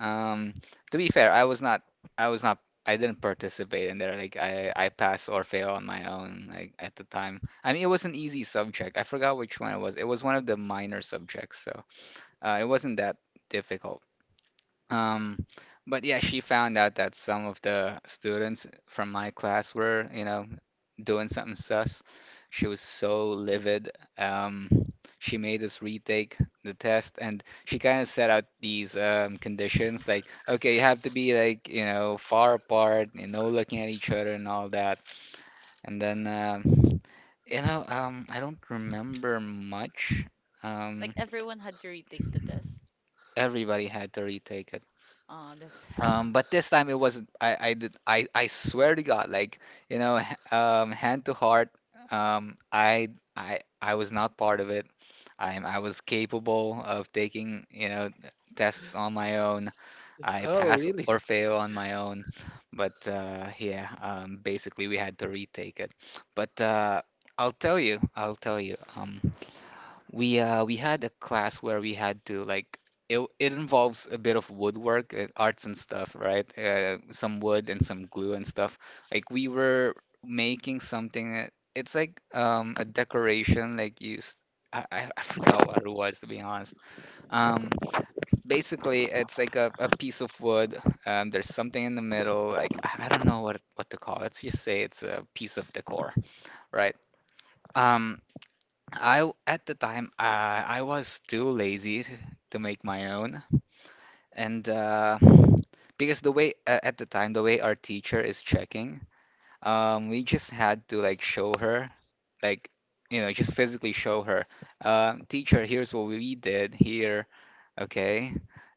Um, to be fair, I was not, I didn't participate in there. Like I passed or fail on my own, like at the time. I mean, it was an easy subject. I forgot which one it was. It was one of the minor subjects, so it wasn't that difficult. Um, but yeah, she found out that some of the students from my class were, you know, doing something sus. She was so livid. Um, she made us retake the test, and she kind of set out these conditions like, okay, you have to be like, you know, far apart, you know, looking at each other and all that. And then, you know, I don't remember much. Um, Like everyone had to retake the test. everybody had to retake it. Oh, that's. But this time it wasn't. I did. I swear to God, like, you know, hand to heart. Um, I I was not part of it. I am. I was capable of taking, you know, tests on my own. I Oh, pass really? or fail on my own. But yeah, basically we had to retake it. But I'll tell you. I'll tell you. We had a class where we had to like it involves a bit of woodwork, arts and stuff, right? Some wood and some glue and stuff. Like we were making something. It's like a decoration like used. I forgot what it was, to be honest. Um, basically it's like a piece of wood. There's something in the middle. Like I don't know what to call it. Let's just say it's a piece of decor, right? Um, at the time I was too lazy to make my own, and because the way at the time the way our teacher is checking, we just had to like show her, like, you know, just physically show her, teacher, here's what we did here, okay,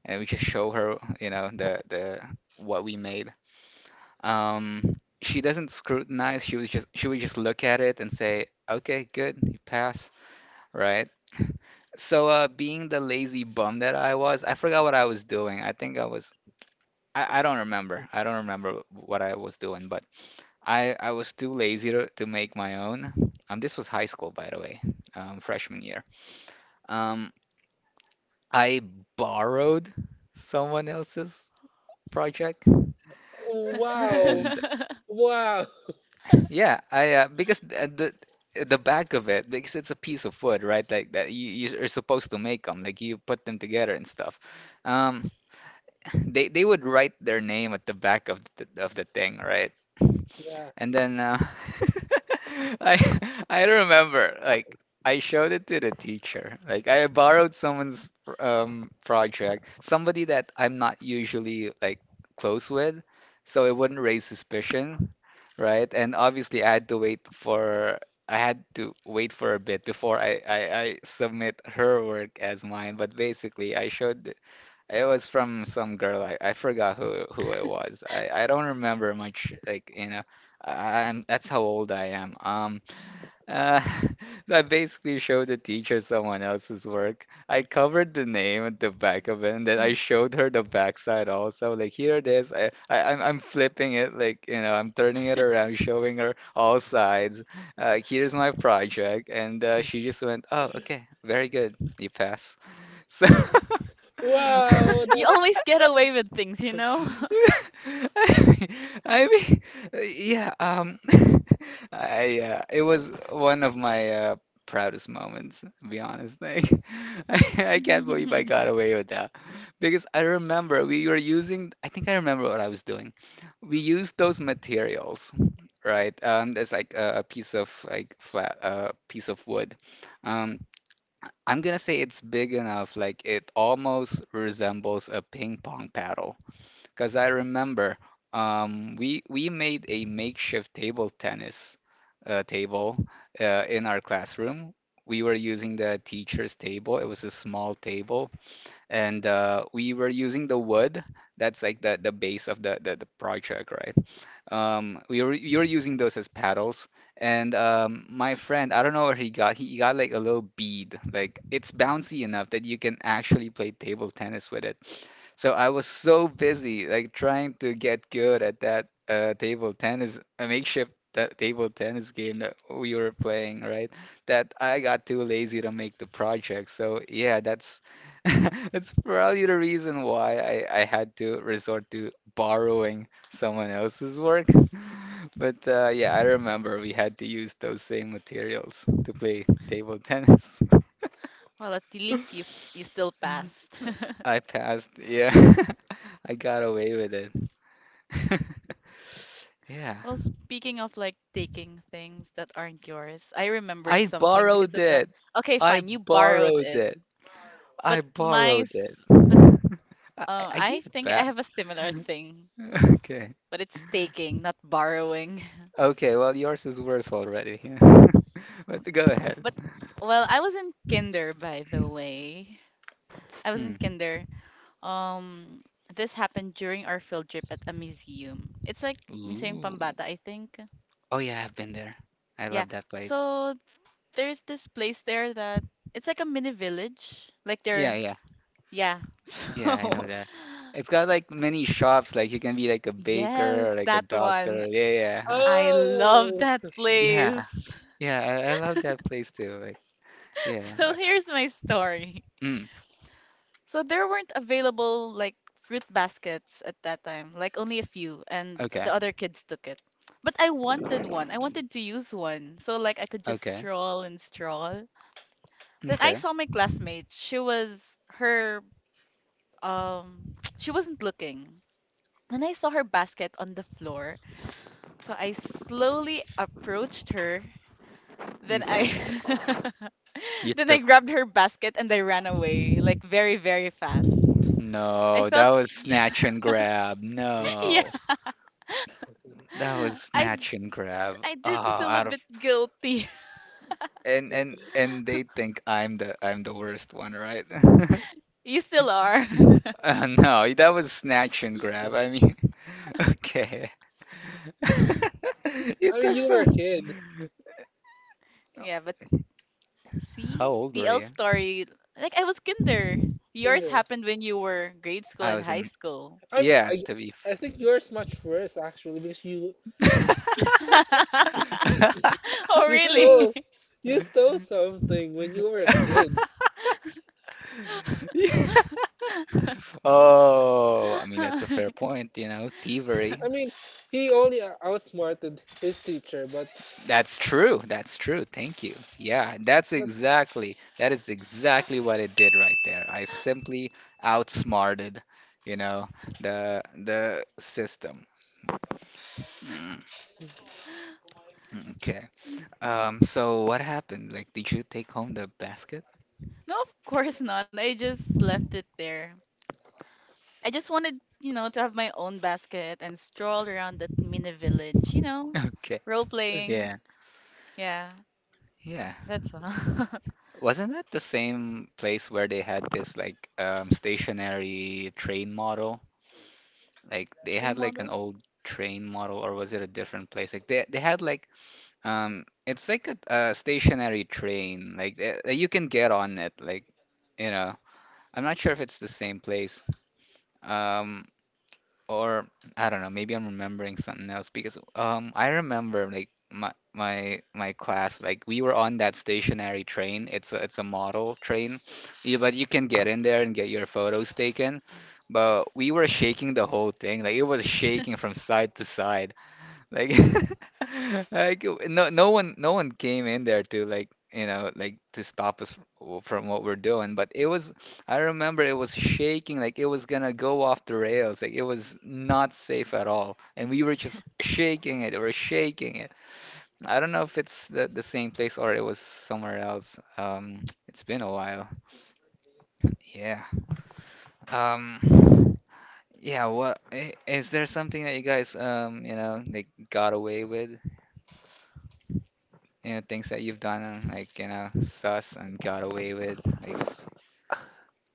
and we just show her, you know, the what we made. She doesn't scrutinize. She would just look at it and say, okay, good, you pass, right? So, being the lazy bum that I was, I forgot what I was doing. I think I don't remember. I don't remember what I was doing, but I was too lazy to make my own. This was high school, by the way, freshman year. Um, I borrowed someone else's project, Wow. and Wow. yeah, I because the back of it, because it's a piece of wood, right? Like that you're supposed to make them, like you put them together and stuff. Um, they would write their name at the back of the thing, right? Yeah. And then I I remember, like I showed it to the teacher. Like I borrowed someone's project, somebody that I'm not usually like close with, so it wouldn't raise suspicion, right? And obviously I had to wait for a bit before I submit her work as mine, but basically I showed it was from some girl. I forgot who it was. I don't remember much. Like, you know, I, I'm that's how old I am. Uh, that basically showed the teacher someone else's work. I covered the name at the back of it, and then I showed her the backside also. Like here it is. I'm flipping it. Like, you know, I'm turning it around, showing her all sides. Here's my project, and she just went, "Oh, okay, very good. You pass." So. Wow. You That's always get away with things, you know? I mean, yeah, um, it was one of my proudest moments, to be honest. Like, I can't believe I got away with that because I remember we were using, I think I remember what I was doing. We used those materials, right? There's like a piece of like flat, piece of wood. Um, I'm gonna say it's big enough, like it almost resembles a ping pong paddle. Because I remember we made a makeshift table tennis table in our classroom. We were using the teacher's table. It was a small table, and we were using the wood. That's like the base of the project, right? We were you were using those as paddles, and my friend, I don't know where he got. He got like a little bead. Like it's bouncy enough that you can actually play table tennis with it. So I was so busy like trying to get good at that table tennis, a makeshift table tennis game that we were playing, right? That I got too lazy to make the project. So yeah, that's that's probably the reason why I had to resort to borrowing someone else's work. But yeah, I remember we had to use those same materials to play table tennis. Well, at least you you still passed. I passed, yeah. I got away with it. Yeah. Well, speaking of like taking things that aren't yours, I remembered I something because borrowed of that. it. Okay, I fine, you borrowed borrowed it. it. I But my borrowed s- it. but I, I I gave it think I have back. a similar thing, Okay. but it's taking, not borrowing. Okay, well, yours is worse already. But go ahead. But well, I was in kinder by the way. I was Hmm. in kinder. Um, this happened during our field trip at a museum. It's like Museum Ooh. Pambata, I think. Oh yeah, I've been there. I Yeah. love that place. So there's this place there that it's like a mini village. Like Yeah, they're yeah. yeah. Yeah, So I know that. It's got like many shops, like you can be like a baker or yes, like a that doctor. one. Yeah, yeah. I love oh. that Yeah. place. Yeah, I love that place too. Like, yeah. So here's my story. mm. So there weren't available like fruit baskets at that time, like only a few, and Okay. the other kids took it. But I wanted one. I wanted to use one. So like I could just Okay. stroll and stroll. Then I Okay. saw my classmate. She was her she wasn't looking. Then I saw her basket on the floor. So I slowly approached her. Then Okay. I You then I took grabbed her basket and I ran away like very very fast. I No, felt that was yeah. snatch and grab. No. That was I snatch and grab. I Oh, did feel a out of bit guilty. And they think I'm the worst one, right? You still are. No, that was snatch and grab. Okay. You I mean, took you so. were a kid. Yeah, but How see, old were TL you? story. Like I was kinder. In Yours there. happened when you were grade school I and was high in. school. I mean, Yeah, I to be. I think yours much worse actually because f- Oh you really? stole you stole something when you were a kid. Yeah. Oh, I mean, that's a fair point, you know, thievery. I mean, he only outsmarted his teacher, but That's true. That's true. Thank you. Yeah, that's but exactly, that is exactly what it did right there. I simply outsmarted, you know, the system. Mm, okay. So what happened? Like, did you take home the basket? No, of course not. I just left it there. I just wanted, you know, to have my own basket and stroll around that mini village. You know, Okay. role playing. Yeah. Yeah, Yeah. that's all. Wasn't that the same place where they had this like stationary train model? Like they Train had like an model. old train model, or was it a different place? Like they had like it's like a stationary train. Like you can get on it like you know. I'm not sure if it's the same place. Um, or I don't know, maybe I'm remembering something else because I remember like my class, like we were on that stationary train. It's a model train. You, but you can get in there and get your photos taken. But we were shaking the whole thing. Like it was shaking from side to side. Like, like no one came in there to like you know like to stop us from what we're doing. But it was I remember it was shaking like it was gonna go off the rails. Like it was not safe at all, and we were just shaking it. We were shaking it. I don't know if it's the same place or it was somewhere else. It's been a while. Yeah. Um. Yeah, is there something that you guys you know, like got away with? You know, things that you've done and like, you know, sus and got away with, like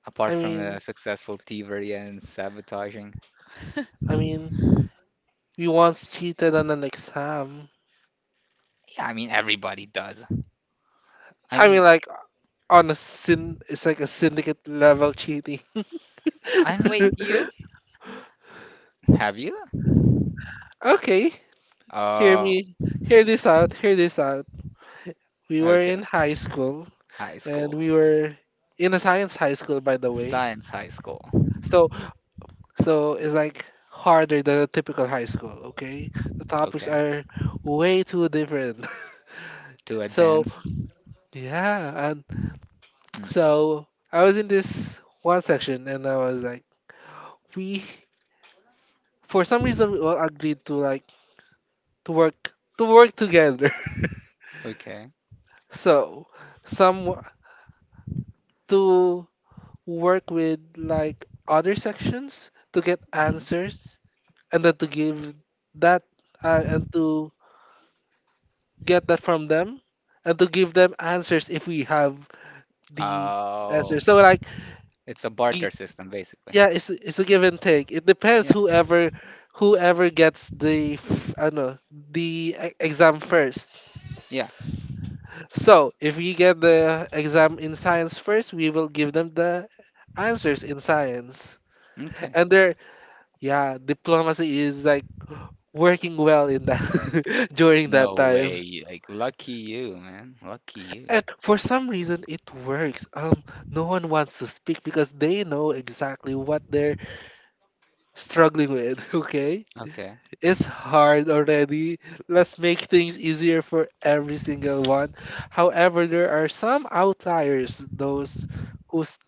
apart I from the mean, successful thievery and sabotaging? I mean, we once cheated on an exam. Yeah, I mean everybody does. I I mean, mean like it's like a syndicate level cheating. I mean Wait, I'm you? pretty have you? Okay, hear Oh, me, hear this out. We were okay. in high school, High and school. we were in a science high school, by the way. Science high school. So, so, it's like harder than a typical high school. Okay, the topics Okay. are way too different. To So. advance? Yeah, and Mm. so I was in this one section, and I was like, we, for some reason, we all agreed to like to work to work together. Okay. So some w- to work with like other sections to get Hmm. answers, and then to give that and to get that from them, and to give them answers if we have the Oh, answers. So like. it's a barter system basically. Yeah, it's a give and take. It depends Yeah. whoever gets the I know the exam first. Yeah. So if we get the exam in science first, we will give them the answers in science. Okay. And there, yeah, diplomacy is like working well in that during that No time. way. Like lucky you, man. Lucky you. And for some reason, it works. No one wants to speak because they know exactly what they're struggling with. Okay. Okay. It's hard already. Let's make things easier for every single one. However, there are some outliers, those who's,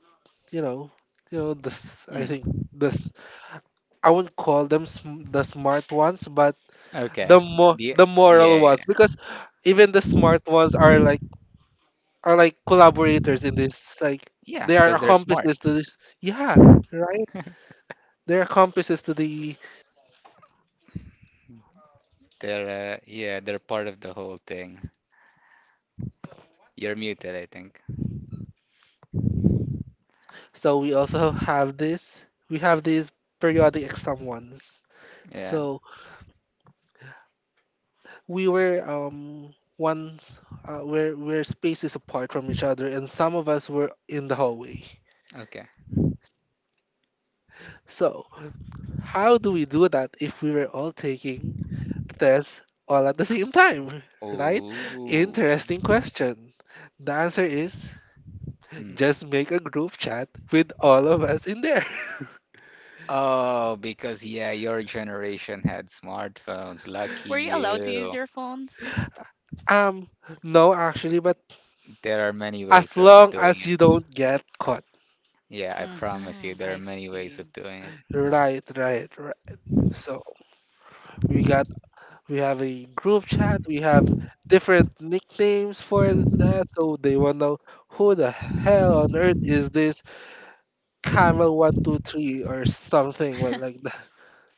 you know, this I Mm. think this I wouldn't call them the smart ones, but Okay. the Yeah, the moral yeah, ones yeah. because even the smart ones are like collaborators in this like Yeah, they are because they're smart. accomplices to this. Yeah, right? They're accomplices to the. They're yeah, they're part of the whole thing. You're muted, I think. So we also have this. We have these periodic exam ones. Yeah. So we were once, we're spaces apart from each other, and some of us were in the hallway. Okay. So how do we do that if we were all taking tests all at the same time? Right? Ooh. Interesting question. The answer is Hmm. just make a group chat with all of us in there. Oh, because yeah, your generation had smartphones. Lucky Were you allowed to use you. your phones? Um, no, actually, but There are many as ways of long doing as it. you don't get caught. Yeah, I promise you, Mm-hmm, there are I many ways see. of doing it. Right, right, right. So we got we have a group chat. We have different nicknames for that. So they wanna know who the hell on earth is this camel 123 or something but like that.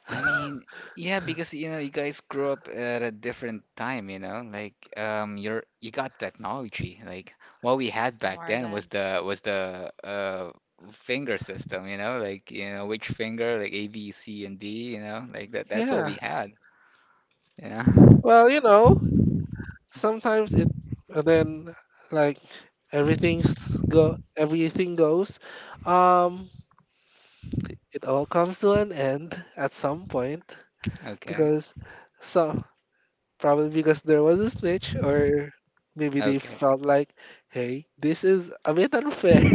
I mean, yeah, because you know, you guys grew up at a different time, you know, like you got technology. Like what we S- had back Smart then was ass. the finger system, you know, like you know which finger, like A, B, C, and D, you know, like that. That's what Yeah. we had. Yeah. Well, sometimes it and then like everything goes. Um, it all comes to an end at some point Okay. because so probably because there was a snitch, or maybe they Okay. felt like, hey, this is a bit unfair.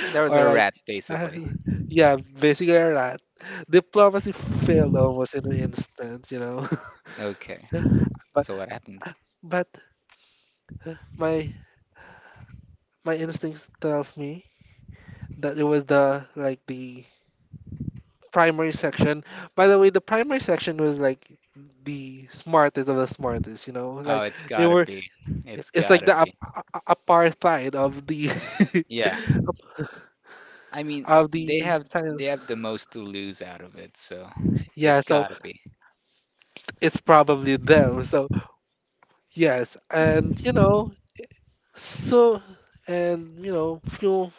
There Or was a like, rat, uh, basically. yeah, basically a rat. Diplomacy failed almost in an instant. Okay. but So what happened? but my my instincts tells me that it was the primary section. By the way, the primary section was like the smartest of the smartest. Oh, Like it's they gotta were, be. It's it's like gotta the ap- be. a- a- apartheid of the Yeah. I mean, of they the have they science. have the most to lose out of it, so Yeah, it's so gotta be. it's probably them. So yes, and Mm. you know, so and you know, few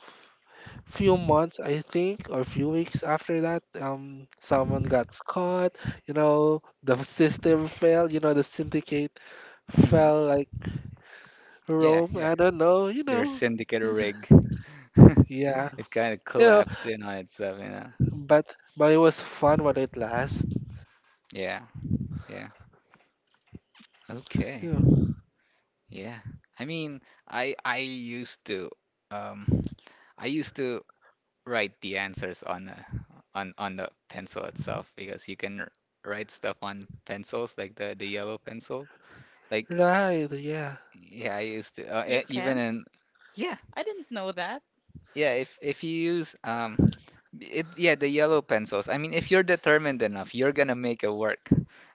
few months I think, or few weeks after that, someone got caught. The system fell. The syndicate Hmm. fell like Yeah, Rome. yeah. I don't know. You Your know, syndicate rig. yeah, It kind of you know, collapsed in on itself, you know. but but it was fun while it lasts. Yeah, yeah. Okay. You know, Yeah. I mean, I used to um I used to write the answers on the pencil itself because you can write stuff on pencils like the yellow pencil. Like right? Yeah. yeah, I used to You e- even can? in yeah, I didn't know that. yeah, if you use it yeah, the yellow pencils. I mean, if you're determined enough, you're gonna make it work.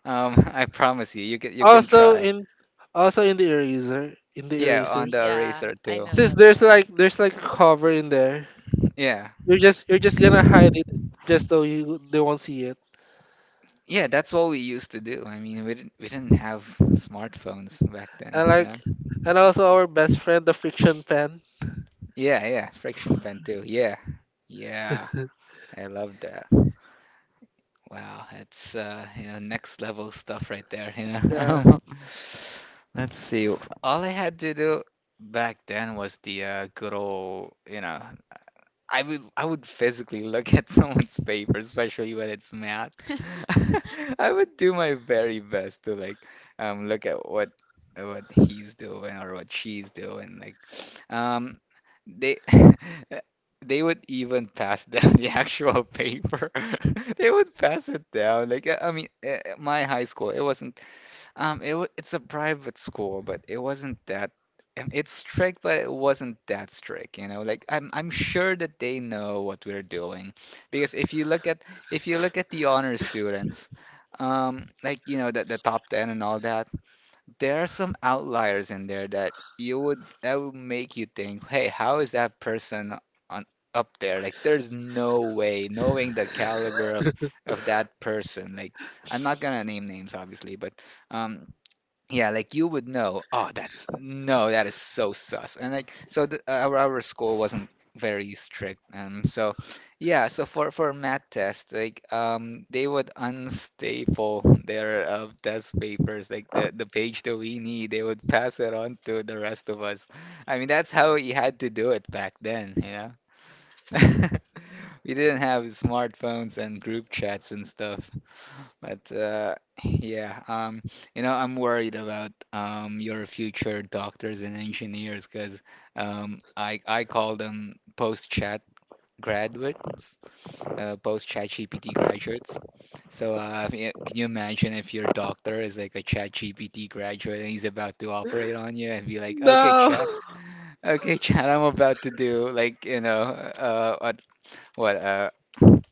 I promise you, you can also try. in also in the eraser in the Yeah, on erasers the Yeah, eraser I too. know since that there's one. like there's like a cover in there, Yeah. you're just gonna hide it just so you they won't see it, Yeah, that's what we used to do. I mean, we didn't have smartphones back then, and you know? like and also our best friend, the friction pen. Yeah, yeah, friction pen too. Yeah. Yeah. I love that. Wow, it's you know, next level stuff right there, you Yeah, know. Let's see. All I had to do back then was the good old, you know, I would physically look at someone's paper, especially when it's math. I would do my very best to like look at what he's doing or what she's doing. Like um they they would even pass down the actual paper. They would pass it down. Like my high school, it wasn't it's a private school, but it wasn't that. Um, it's strict, but it wasn't that strict, you know. Like I'm sure that they know what we're doing, because if you look at the honor students, like you know the top ten and all that, there are some outliers in there that you would that would make you think, hey, how is that person on up there? Like there's no way, knowing the caliber of that person. Like I'm not gonna name names, obviously, but. Um, yeah, like you would know, oh, that's no, that is so sus. And like our school wasn't very strict. Um, so yeah, so for math test, like they would unstaple their test papers, like the page that we need, they would pass it on to the rest of us. I mean, that's how you had to do it back then, you know? We didn't have smartphones and group chats and stuff. But yeah, you know, I'm worried about your future doctors and engineers, because I call them post-chat graduates, post-chat GPT graduates. So if you- can you imagine if your doctor is like a chat GPT graduate and he's about to operate on you and be like, okay, no. chat, okay, chat, I'm about to do like you know what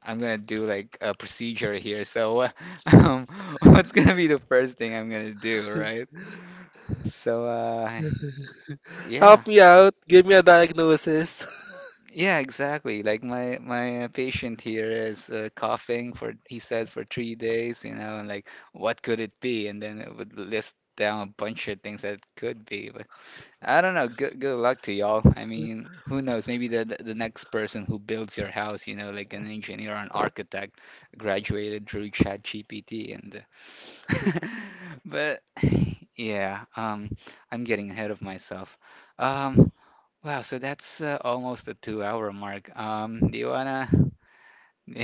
I'm gonna do like a procedure here. So, um, what's gonna be the first thing I'm gonna do, right? So, yeah, Help me out, give me a diagnosis. yeah, exactly. Like my patient here is coughing for he says for 3 days, you know, and like what could it be? And then it would list down a bunch of things that it could be. I don't know. Good luck to y'all. I mean, who knows? Maybe the next person who builds your house, you know, like an engineer or an architect, graduated through ChatGPT, and but yeah, I'm getting ahead of myself. Um, wow, so that's almost the 2-hour mark. Um, do you wanna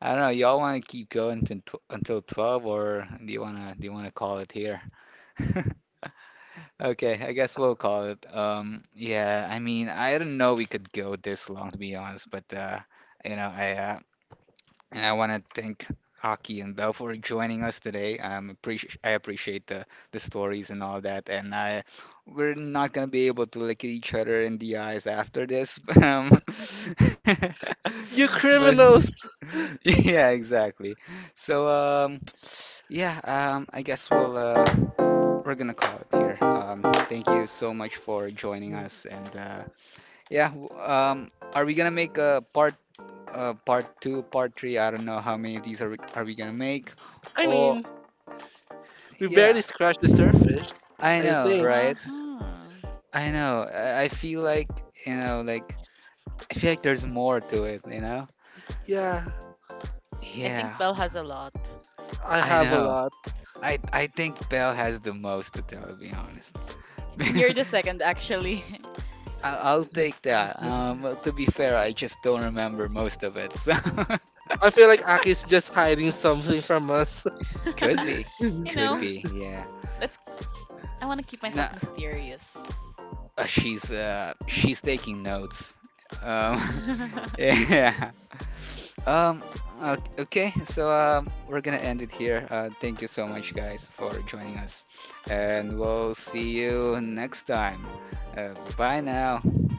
I don't know, y'all wanna keep going until 12, or do you wanna call it here? Okay, I guess we'll call it. Yeah, I mean, I didn't know we could go this long, to be honest, but you know, I and I want to thank Hockey and Bell for joining us today. Appreciate I appreciate the stories and all that, and I we're not gonna be able to look at each other in the eyes after this. But, um, You but criminals. yeah, exactly. So yeah, I guess we're gonna call it here. Thank you so much for joining us, and yeah, are we gonna make a part two, part three? I don't know how many of these are we gonna make, I or mean, we yeah, barely scratched the surface. I I know, think. right? Uh-huh. I know. I feel like you know, like I feel like there's more to it, you know? Yeah, I Yeah, think Belle has a lot. I I have a know. lot. I think Belle has the most to tell, to be You're the honest. second, actually. I'll take that. Well, to be fair, I just don't remember most of it. So I feel like Aki's just hiding something from us. could You be, could know, be, yeah. let's. I want to keep myself No, mysterious. She's taking notes. Um, yeah. Um, okay, so we're gonna end it here. Thank you so much, guys, for joining us, and we'll see you next time. Bye now.